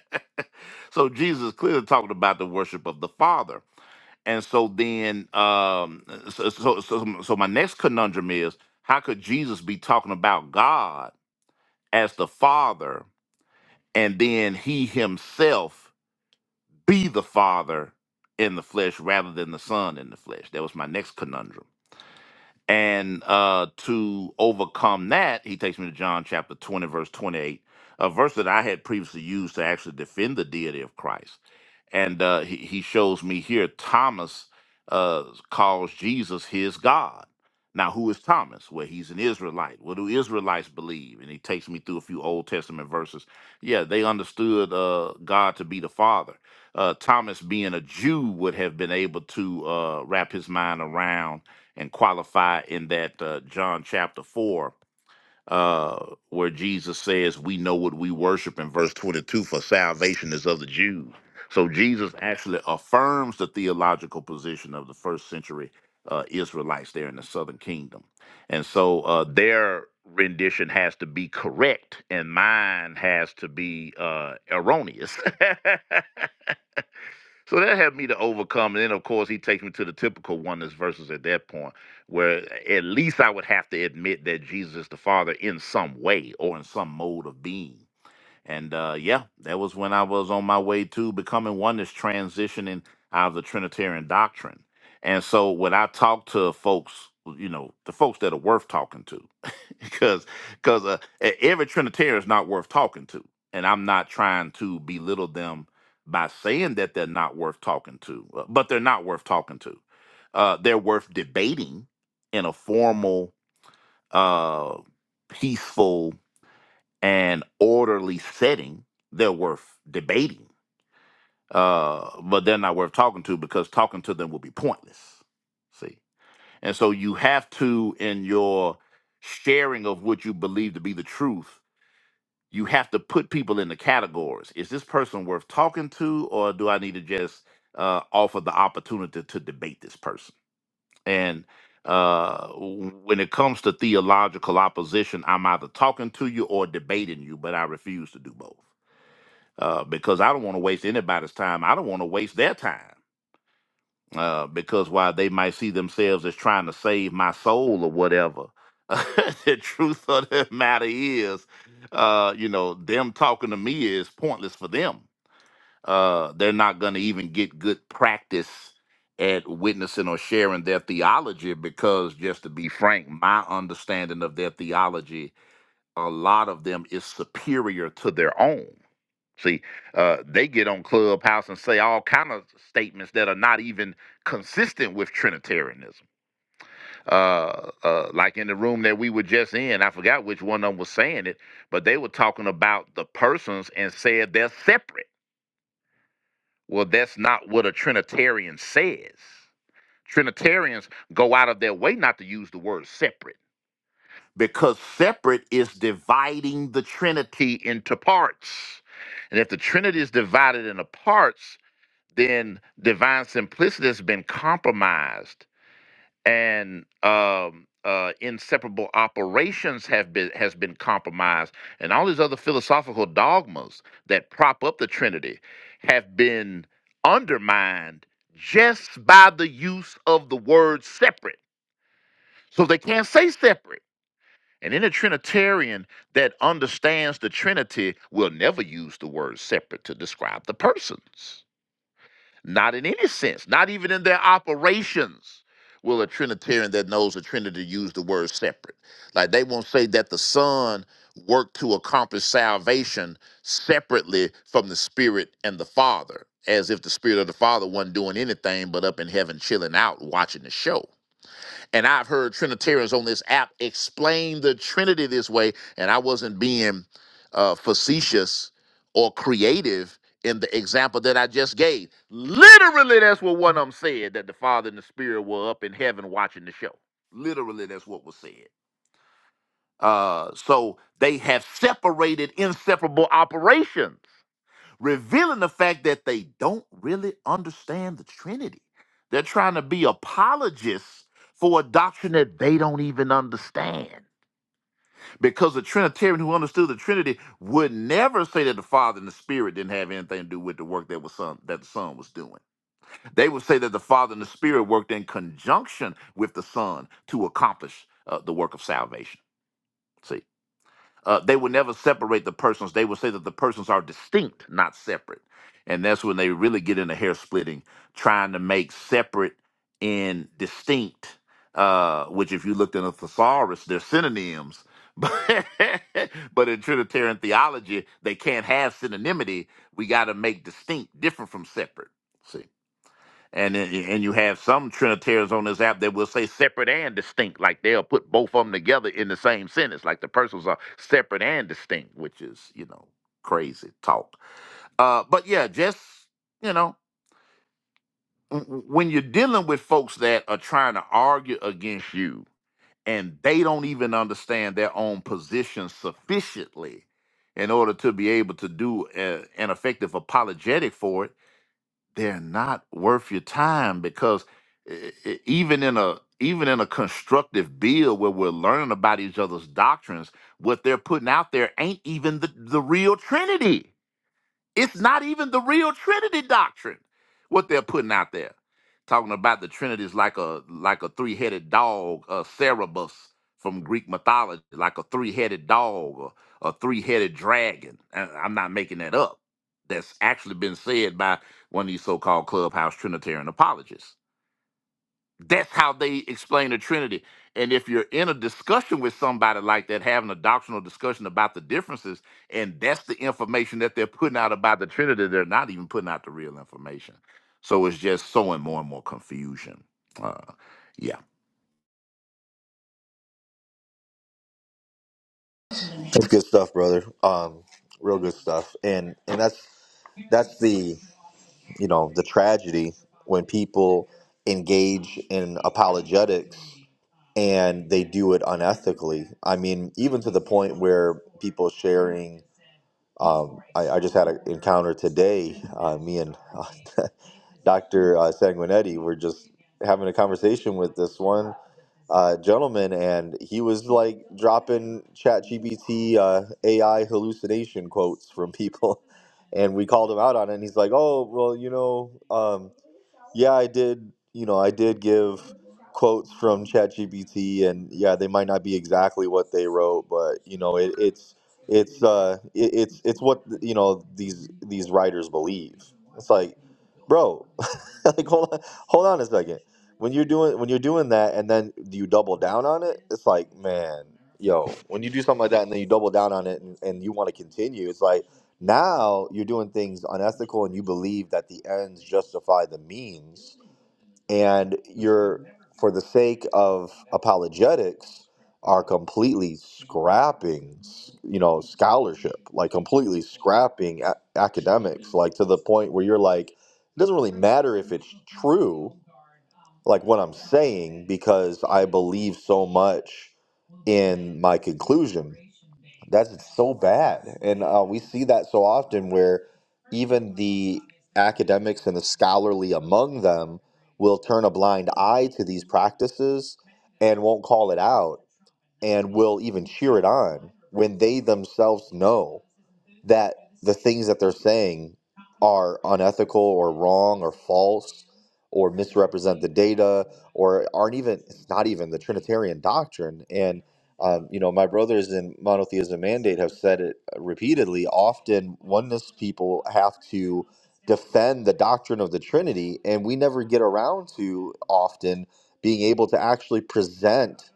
so Jesus is clearly talking about the worship of the Father. And so then, um, so, so so so my next conundrum is: How could Jesus be talking about God as the Father, and then He Himself be the Father in the flesh rather than the Son in the flesh? That was my next conundrum. And uh, to overcome that, he takes me to John chapter 20, verse 28, a verse that I had previously used to actually defend the deity of Christ and uh, he, he shows me here Thomas uh, calls Jesus his God. Now, who is Thomas? Well, he's an Israelite. What do Israelites believe? And he takes me through a few Old Testament verses. Yeah, they understood uh, God to be the Father. Uh, Thomas, being a Jew, would have been able to uh, wrap his mind around and qualify in that uh, John chapter 4 uh, where Jesus says, We know what we worship in verse 22 for salvation is of the Jews. So Jesus actually affirms the theological position of the first century uh, Israelites there in the southern kingdom. And so uh, their rendition has to be correct, and mine has to be uh, erroneous. So that helped me to overcome. And then, of course, he takes me to the typical oneness verses at that point, where at least I would have to admit that Jesus is the Father in some way or in some mode of being. And uh, yeah, that was when I was on my way to becoming oneness, transitioning out of the Trinitarian doctrine. And so when I talk to folks, you know, the folks that are worth talking to, because because uh, e- every Trinitarian is not worth talking to, and I'm not trying to belittle them by saying that they're not worth talking to, uh, but they're not worth talking to. Uh, they're worth debating in a formal, uh, peaceful, and orderly setting. They're worth debating, uh, but they're not worth talking to because talking to them will be pointless. See, and so you have to in your sharing of what you believe to be the truth you have to put people in the categories. Is this person worth talking to, or do I need to just uh, offer the opportunity to debate this person? And uh, w- when it comes to theological opposition, I'm either talking to you or debating you, but I refuse to do both uh, because I don't want to waste anybody's time. I don't want to waste their time uh, because while they might see themselves as trying to save my soul or whatever, the truth of the matter is, uh, you know, them talking to me is pointless for them. Uh, they're not going to even get good practice at witnessing or sharing their theology because, just to be frank, my understanding of their theology, a lot of them is superior to their own. See, uh, they get on Clubhouse and say all kind of statements that are not even consistent with Trinitarianism. Uh, uh, like in the room that we were just in, I forgot which one of them was saying it, but they were talking about the persons and said they're separate. Well, that's not what a Trinitarian says. Trinitarians go out of their way not to use the word separate because separate is dividing the Trinity into parts. And if the Trinity is divided into parts, then divine simplicity has been compromised and um uh inseparable operations have been has been compromised and all these other philosophical dogmas that prop up the trinity have been undermined just by the use of the word separate so they can't say separate and any trinitarian that understands the trinity will never use the word separate to describe the persons not in any sense, not even in their operations will a Trinitarian that knows the Trinity use the word separate. Like they won't say that the Son worked to accomplish salvation separately from the Spirit and the Father, as if the Spirit of the Father wasn't doing anything but up in heaven chilling out watching the show. And I've heard Trinitarians on this app explain the Trinity this way, and I wasn't being uh, facetious or creative in the example that I just gave. Literally, that's what one of them said that the Father and the Spirit were up in heaven watching the show. Literally, that's what was said. Uh, so they have separated inseparable operations revealing the fact that they don't really understand the Trinity. They're trying to be apologists for a doctrine that they don't even understand. Because a Trinitarian who understood the Trinity would never say that the Father and the Spirit didn't have anything to do with the work that was son that the Son was doing. They would say that the Father and the Spirit worked in conjunction with the Son to accomplish uh, the work of salvation. See, uh, they would never separate the persons. They would say that the persons are distinct, not separate. And that's when they really get into hair splitting, trying to make separate and distinct, uh, which if you looked in a thesaurus, they're synonyms. But, but in Trinitarian theology, they can't have synonymity. We got to make distinct, different from separate. See? And and you have some Trinitarians on this app that will say separate and distinct, like they'll put both of them together in the same sentence, like the persons are separate and distinct, which is you know crazy talk. Uh, but yeah, just you know w- w- when you're dealing with folks that are trying to argue against you and they don't even understand their own position sufficiently in order to be able to do a, an effective apologetic for it they're not worth your time because e- e- e, even in a even in a constructive bill where we're learning about each other's doctrines, what they're putting out there ain't even the, the real Trinity. It's not even the real Trinity doctrine. What they're putting out there, talking about the Trinity is like a like a three headed dog, a Cerberus from Greek mythology, like a three headed dog or a three headed dragon. And I'm not making that up. That's actually been said by one of these so called clubhouse Trinitarian apologists. That's how they explain the Trinity. And if you're in a discussion with somebody like that, having a doctrinal discussion about the differences, and that's the information that they're putting out about the Trinity, they're not even putting out the real information. So it's just sowing more and more confusion. Uh, yeah.
that's good stuff, brother. Um, real good stuff, and and that's that's the you know the tragedy when people engage in apologetics and they do it unethically i mean even to the point where people sharing um, I, I just had an encounter today uh, me and uh, dr uh, sanguinetti were just having a conversation with this one uh, gentleman and he was like dropping chat gbt uh, ai hallucination quotes from people and we called him out on it and he's like oh well you know um, yeah, I did. You know, I did give quotes from ChatGPT, and yeah, they might not be exactly what they wrote, but you know, it, it's it's uh, it, it's it's what you know these these writers believe. It's like, bro, like hold on, hold on a second. When you're doing when you're doing that, and then you double down on it, it's like, man, yo, when you do something like that, and then you double down on it, and, and you want to continue, it's like now you're doing things unethical and you believe that the ends justify the means. And you're, for the sake of apologetics, are completely scrapping, you know, scholarship, like completely scrapping a- academics, like to the point where you're like, it doesn't really matter if it's true, like what I'm saying, because I believe so much in my conclusion. That's so bad. And uh, we see that so often where even the academics and the scholarly among them will turn a blind eye to these practices and won't call it out and will even cheer it on when they themselves know that the things that they're saying are unethical or wrong or false or misrepresent the data or aren't even it's not even the trinitarian doctrine and um, you know my brothers in monotheism mandate have said it repeatedly often oneness people have to defend the doctrine of the trinity and we never get around to often being able to actually present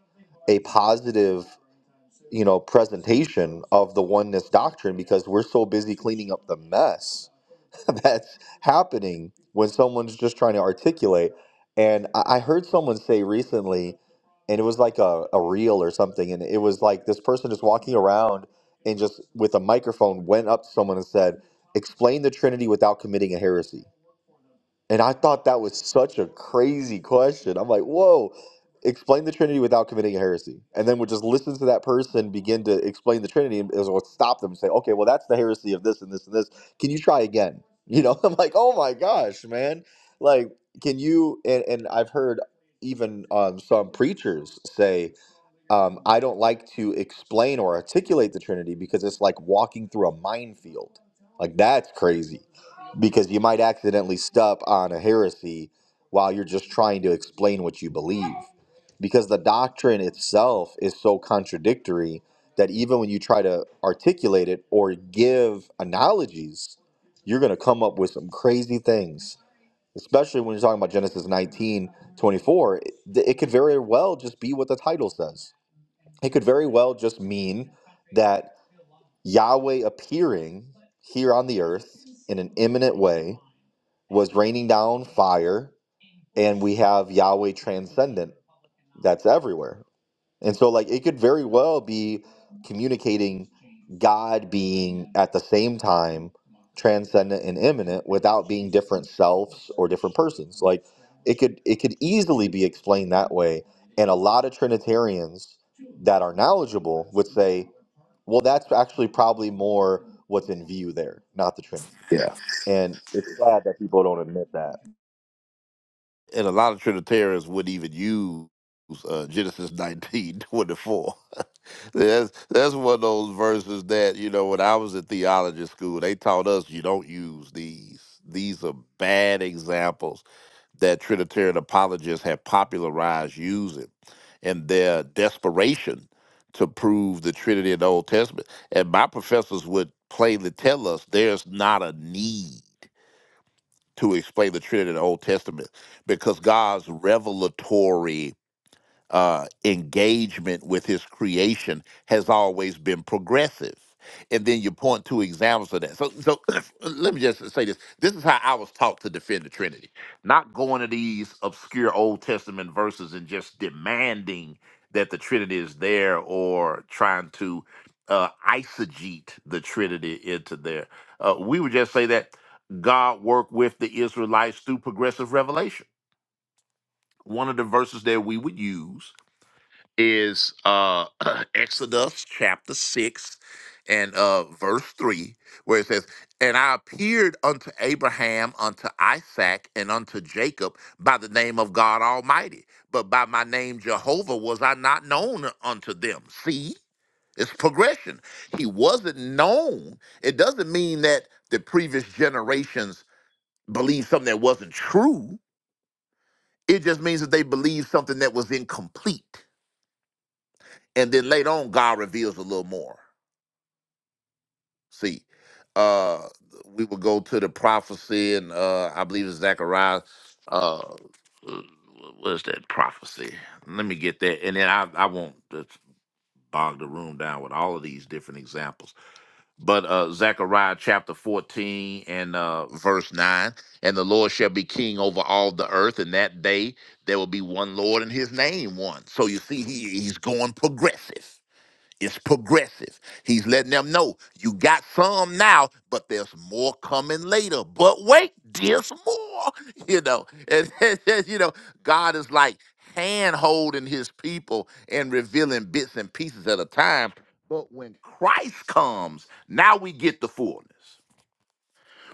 a positive you know presentation of the oneness doctrine because we're so busy cleaning up the mess that's happening when someone's just trying to articulate and i I heard someone say recently and it was like a, a reel or something and it was like this person just walking around and just with a microphone went up to someone and said explain the trinity without committing a heresy and I thought that was such a crazy question. I'm like, whoa, explain the Trinity without committing a heresy. And then we'll just listen to that person begin to explain the Trinity and it'll stop them and say, okay, well, that's the heresy of this and this and this. Can you try again? You know, I'm like, oh my gosh, man. Like, can you? And, and I've heard even um, some preachers say, um, I don't like to explain or articulate the Trinity because it's like walking through a minefield. Like that's crazy because you might accidentally step on a heresy while you're just trying to explain what you believe. Because the doctrine itself is so contradictory that even when you try to articulate it or give analogies, you're going to come up with some crazy things, especially when you're talking about Genesis 19 24, It, it could very well just be what the title says it could very well just mean that Yahweh appearing here on the earth in an imminent way was raining down fire, and we have Yahweh transcendent that's everywhere. And so, like, it could very well be communicating God being at the same time transcendent and imminent without being different selves or different persons. Like, it could it could easily be explained that way. And a lot of Trinitarians that are knowledgeable would say well, that's actually probably more what's in view there, not the Trinity. And it's sad that people don't admit that.
and a lot of Trinitarians would even use uh, Genesis nineteen twenty four. that's that's one of those verses that you know when I was in theology school, they taught us you don't use these. These are bad examples that Trinitarian apologists have popularized using, in their desperation to prove the Trinity in the Old Testament. And my professors would plainly tell us there's not a need to explain the Trinity in the Old Testament because God's revelatory uh, engagement with his creation has always been progressive. And then you point to examples of that. So, so let me just say this: this is how I was taught to defend the Trinity, not going to these obscure Old Testament verses and just demanding that the Trinity is there, or trying to uh, eisegete the Trinity into there. Uh, we would just say that God worked with the Israelites through progressive revelation. One of the verses that we would use is uh Exodus chapter 6 and uh verse 3 where it says and I appeared unto Abraham unto Isaac and unto Jacob by the name of God Almighty but by my name Jehovah was I not known unto them see it's progression he wasn't known it doesn't mean that the previous generations believed something that wasn't true it just means that they believed something that was incomplete and then later on god reveals a little more see uh we would go to the prophecy and uh i believe it's zechariah uh what is that prophecy let me get that and then i i won't just bog the room down with all of these different examples but uh zechariah chapter 14 and uh verse 9 and the lord shall be king over all the earth and that day there will be one lord and his name one so you see he, he's going progressive it's progressive. He's letting them know you got some now, but there's more coming later. But wait, there's more. You know, and, and, and, you know, God is like hand holding his people and revealing bits and pieces at a time. But when Christ comes, now we get the fullness.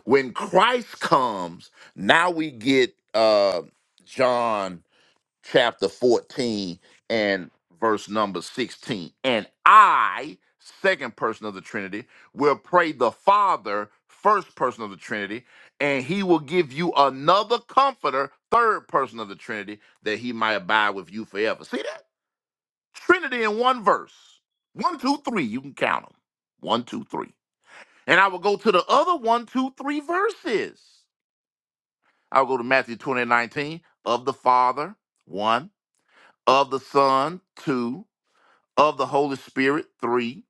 When Christ comes, now we get uh John chapter 14 and verse number 16. And I, second person of the Trinity, will pray the Father, first person of the Trinity, and he will give you another comforter, third person of the Trinity, that he might abide with you forever. See that? Trinity in one verse. One, two, three. You can count them. One, two, three. And I will go to the other one, two, three verses. I'll go to Matthew 20 19 of the Father, one of the Son, two, of the Holy Spirit, three.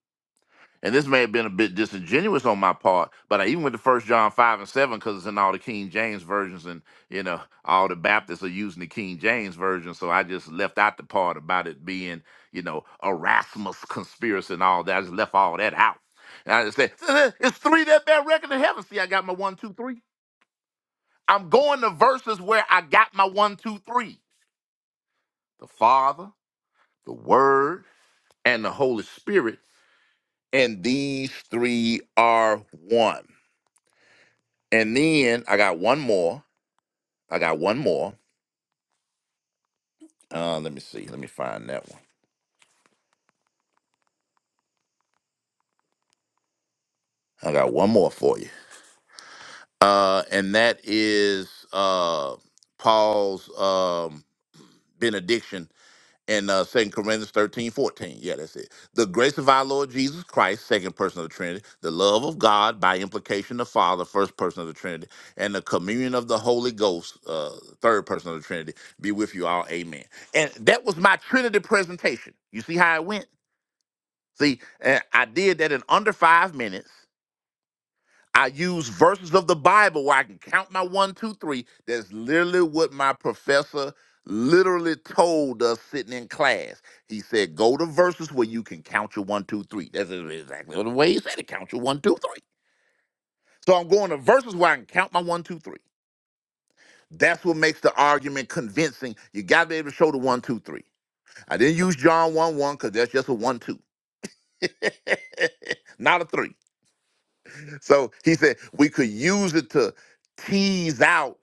And this may have been a bit disingenuous on my part, but I even went to First John five and seven because it's in all the King James versions, and you know all the Baptists are using the King James version, so I just left out the part about it being you know Erasmus conspiracy and all that. I just left all that out, and I just said it's three that bear record in heaven. See, I got my one, two, three. I'm going to verses where I got my one, two, three. The Father, the Word, and the Holy Spirit And these three are one. And then I got one more. I got one more. Uh, let me see. Let me find that one. I got one more for you. Uh, and that is uh, Paul's um, benediction and uh second corinthians 13 14 yeah that's it the grace of our lord jesus christ second person of the trinity the love of god by implication the father first person of the trinity and the communion of the holy ghost uh third person of the trinity be with you all amen and that was my trinity presentation you see how it went see and i did that in under five minutes I use verses of the Bible where I can count my one, two, three. That's literally what my professor literally told us sitting in class. He said, go to verses where you can count your one, two, three. That's exactly the way he said it. Count your one, two, three. So I'm going to verses where I can count my one, two, three. That's what makes the argument convincing. You gotta be able to show the one, two, three. I didn't use John 1 1 because that's just a one, two. Not a three. So he said we could use it to tease out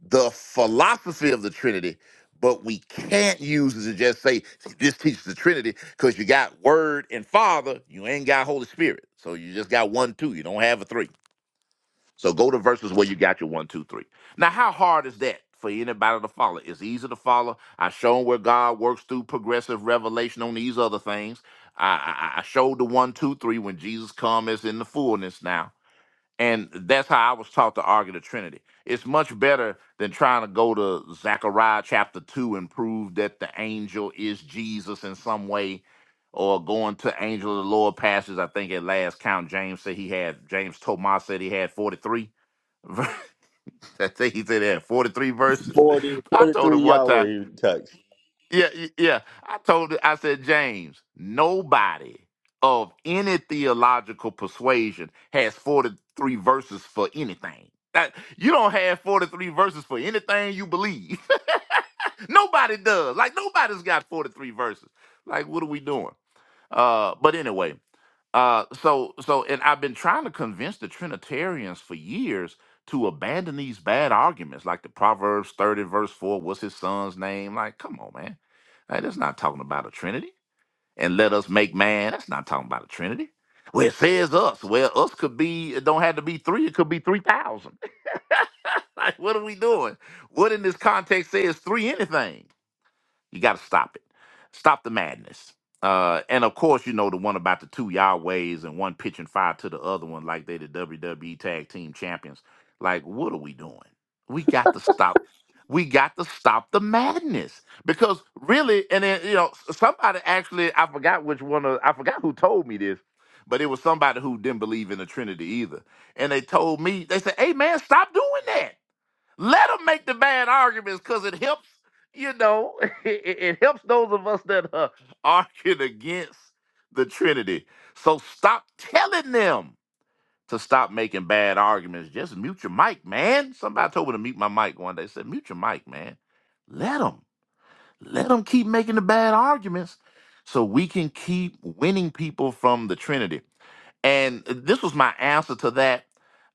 the philosophy of the Trinity, but we can't use it to just say this teaches the Trinity because you got Word and Father, you ain't got Holy Spirit. So you just got one, two. You don't have a three. So go to verses where you got your one, two, three. Now, how hard is that for anybody to follow? It's easy to follow. I shown where God works through progressive revelation on these other things. I, I, I I showed the one, two, three when Jesus come as in the fullness now. And that's how I was taught to argue the Trinity. It's much better than trying to go to Zechariah chapter 2 and prove that the angel is Jesus in some way, or going to angel of the Lord passages. I think at last count, James said he had, James Tomas said he had 43. ver- I think he said he had 43 verses.
40,
I told
43,
him one time.
Yahweh text.
Yeah, y- yeah. I told it, I said, James, nobody of any theological persuasion has 43 verses for anything. That you don't have 43 verses for anything you believe. nobody does. Like nobody's got 43 verses. Like, what are we doing? Uh, but anyway, uh, so so, and I've been trying to convince the Trinitarians for years to abandon these bad arguments, like the Proverbs thirty verse four. What's his son's name? Like, come on, man. Hey, that's not talking about a Trinity. And let us make man. That's not talking about a Trinity. Well, it says us. Well, us could be. It don't have to be three. It could be three thousand. like, what are we doing? What in this context says three anything? You got to stop it. Stop the madness. Uh, and of course, you know the one about the two Yahwehs and one pitching fire to the other one, like they the WWE Tag Team Champions. Like, what are we doing? We got to stop. We got to stop the madness because really, and then you know s- somebody actually, I forgot which one of, I forgot who told me this, but it was somebody who didn't believe in the Trinity either, and they told me they said, "Hey man, stop doing that." Let them make the bad arguments because it helps, you know, it, it helps those of us that are arguing against the Trinity. So stop telling them to stop making bad arguments. Just mute your mic, man. Somebody told me to mute my mic one day. Said, mute your mic, man. Let them. Let them keep making the bad arguments so we can keep winning people from the Trinity. And this was my answer to that.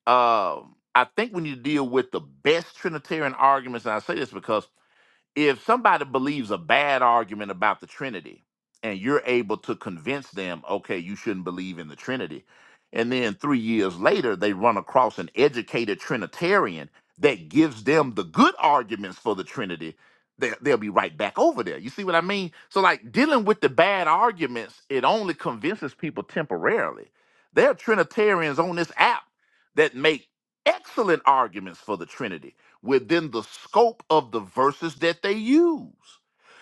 Um, I think when you deal with the best Trinitarian arguments, and I say this because if somebody believes a bad argument about the Trinity and you're able to convince them, okay, you shouldn't believe in the Trinity, and then three years later they run across an educated Trinitarian that gives them the good arguments for the Trinity, they, they'll be right back over there. You see what I mean? So, like dealing with the bad arguments, it only convinces people temporarily. There are Trinitarians on this app that make excellent arguments for the Trinity within the scope of the verses that they use.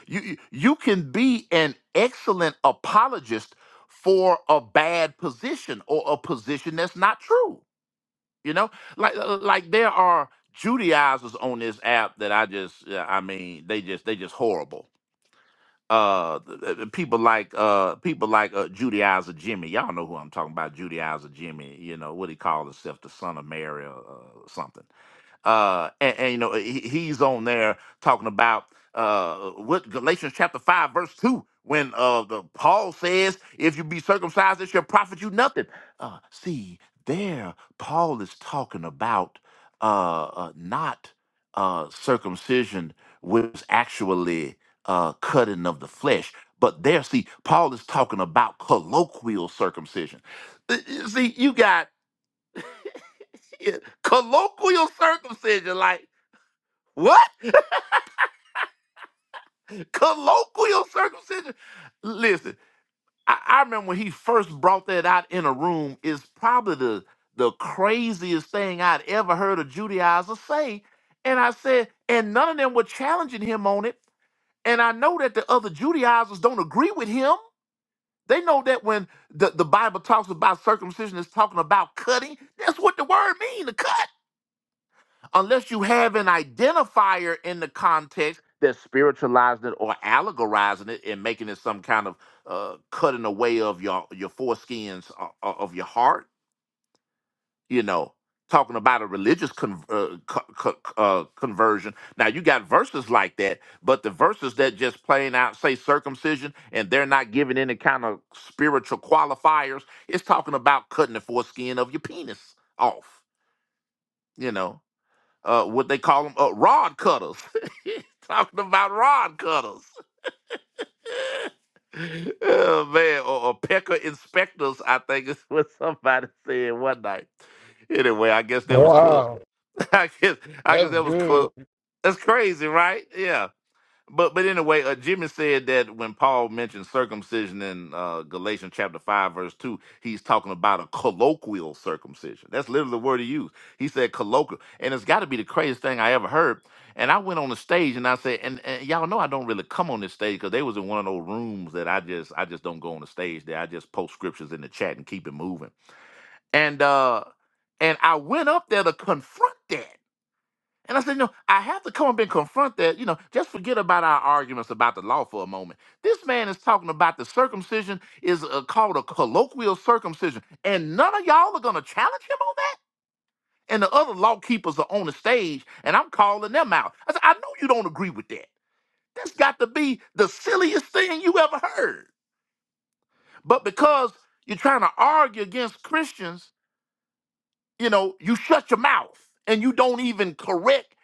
You, you you can be an excellent apologist for a bad position or a position that's not true. You know, like uh, uh, like there are Judaizers on this app that I just uh, I mean they just they just horrible. Uh, th- th- th- people like uh people like uh, Judaizer Jimmy. Y'all know who I'm talking about. Judaizer Jimmy. You know what he called himself, the son of Mary or uh, something uh, and, and, you know he, he's on there talking about uh, what Galatians chapter five verse two when uh, the Paul says, "If you be circumcised, it shall profit you nothing." Uh, see, there Paul is talking about uh, uh, not uh, circumcision, which is actually uh, cutting of the flesh. But there, see, Paul is talking about colloquial circumcision. Uh, uh, See, you got colloquial circumcision, like what? colloquial circumcision. Listen, I, I remember when he first brought that out in a room. Is probably the the craziest thing I'd ever heard a Judaizer say. And I said, and none of them were challenging him on it. And I know that the other Judaizers don't agree with him. They know that when the, the Bible talks about circumcision, it's talking about cutting. That's what the word means, to cut unless you have an identifier in the context that's spiritualizing it or allegorizing it and making it some kind of uh, cutting away of your your foreskins o- o- of your heart, you know, talking about a religious con- uh, co- co- uh, conversion. Now you got verses like that, but the verses that just plain out say circumcision and they're not giving any kind of spiritual qualifiers. It's talking about cutting the foreskin of your penis off, you know uh, what they call them, uh, rod cutters. Talking about rod cutters. Oh, man, or, or pecker inspectors, I think is what somebody said one night. Anyway, I guess that was Club.
Wow,
I guess I guess
that's
that was
good.
Club. That's crazy, right? Yeah. But but anyway, uh, Jimmy said that when Paul mentioned circumcision in uh, Galatians chapter five verse two, he's talking about a colloquial circumcision. That's literally the word he used. He said colloquial, and it's got to be the craziest thing I ever heard. And I went on the stage and I said, and, and y'all know I don't really come on this stage because they was in one of those rooms that I just I just don't go on the stage there. I just post scriptures in the chat and keep it moving. And uh and I went up there to confront that. And I said, no, I have to come up and confront that. You know, just forget about our arguments about the law for a moment. This man is talking about the circumcision is uh, called a colloquial circumcision, and none of y'all are going to challenge him on that. And the other law keepers are on the stage, and I'm calling them out. I said, I know you don't agree with that. That's got to be the silliest thing you ever heard. But because you're trying to argue against Christians, you know, you shut your mouth and you don't even correct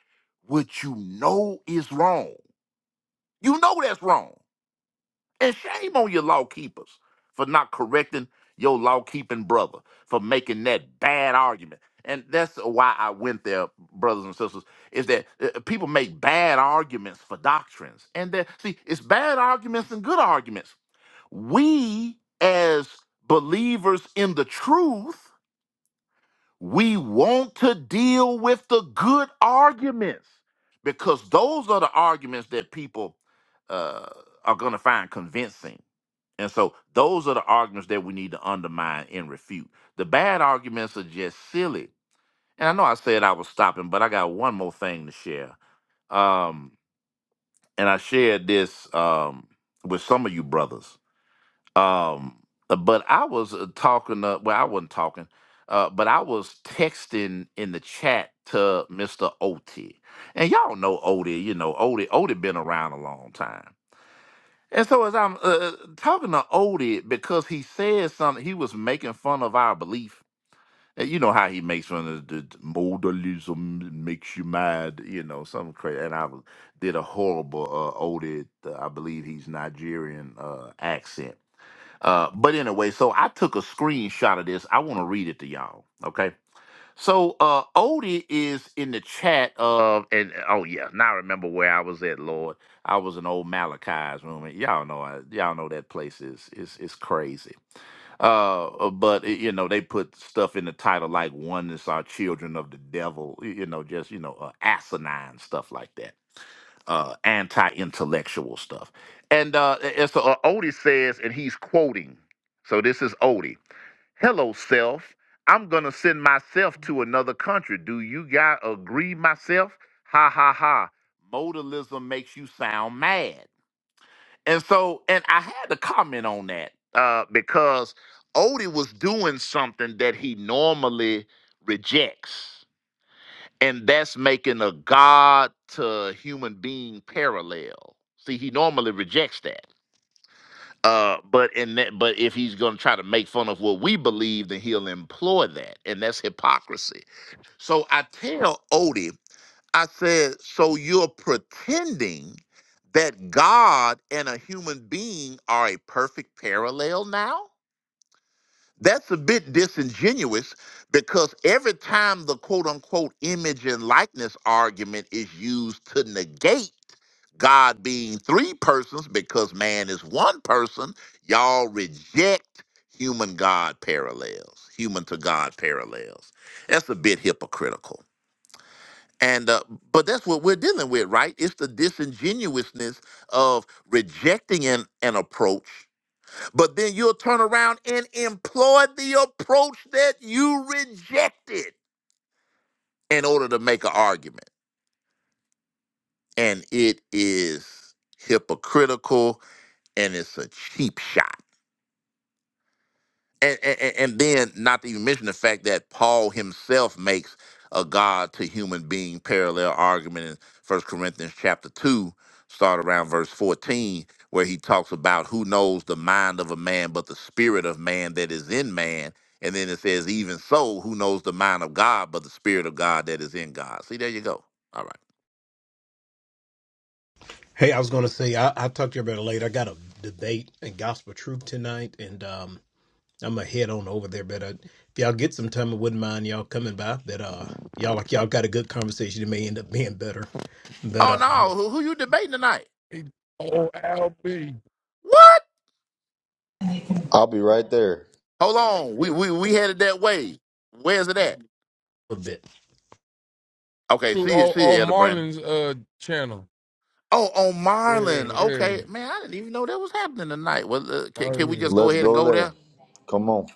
what you know is wrong. You know that's wrong. And shame on your law keepers for not correcting your law keeping brother for making that bad argument. And that's why I went there, brothers and sisters, is that uh, uh, people make bad arguments for doctrines. And that, see, it's bad arguments and good arguments. We, as believers in the truth, we want to deal with the good arguments because those are the arguments that people uh, are going to find convincing. And so those are the arguments that we need to undermine and refute. The bad arguments are just silly. And I know I said I was stopping, but I got one more thing to share. Um, and I shared this um, with some of you brothers. Um, uh, but I was uh, talking. Uh, well, I wasn't talking, uh, but I was texting in the chat to Mister Oti, and y'all know Odie. You know Odie. Odie been around a long time. And so as I'm uh, talking to Odie, because he said something, he was making fun of our belief. Uh, You know how he makes fun of the the modalism makes you mad, you know, something crazy. And I was, did a horrible uh, Odie, uh, I believe he's Nigerian uh, accent uh, but anyway, so I took a screenshot of this. I want to read it to y'all. Okay. So uh Odie is in the chat of and uh, oh yeah, now I remember where I was at, Lord. I was in old Malachi's room. And y'all know I, y'all know that place is is is crazy. Uh uh, but you know, they put stuff in the title like one is our children of the devil, you know, just you know, uh, asinine stuff like that uh, anti-intellectual stuff. And uh, and so uh, Odie says, and he's quoting. So this is Odie. Hello, self. I'm gonna send myself to another country. Do you guys agree, myself? Ha ha ha. Modalism makes you sound mad. And so, and I had to comment on that uh, because Odie was doing something that he normally rejects and that's making a god to human being parallel. See, he normally rejects that. Uh, but in that, but if he's going to try to make fun of what we believe, then he'll employ that, and that's hypocrisy. So I tell Odie, I said, so you're pretending that God and a human being are a perfect parallel now? That's a bit disingenuous because every time the quote unquote image and likeness argument is used to negate God being three persons because man is one person, y'all reject human God parallels, human to God parallels. That's a bit hypocritical. And uh, but that's what we're dealing with, right? It's the disingenuousness of rejecting an, an approach but then you'll turn around and employ the approach that you rejected in order to make an argument. And it is hypocritical and it's a cheap shot. and, and, and then not to even mention the fact that Paul himself makes a God to human being parallel argument in First Corinthians chapter two, start around verse fourteen, where he talks about who knows the mind of a man but the spirit of man that is in man. And then it says, even so, who knows the mind of God but the spirit of God that is in God. See, there you go. All right.
Hey, I was going to say, I, I'll talk to you about it later. I got a debate and gospel truth tonight, and um, I'm going to head on over there. But uh, if y'all get some time, I wouldn't mind y'all coming by. That uh, y'all like y'all got a good conversation. It may end up being better, but
Oh
uh,
no, who, who you debating tonight?
Oh, LB.
What?
I'll be right there.
Hold on. We we we headed that way. Where's it at?
a bit.
Okay,
Through
see you,
old,
see
old
you, Elder Brandon.
Marlin's uh channel.
Oh, on
Yeah,
Marlin.
yeah.
Okay, man, I didn't even know that was happening tonight. Well, uh, can,
Oh,
can we
yeah.
just go
Let's
ahead and
go
go
there.
there?
Come on.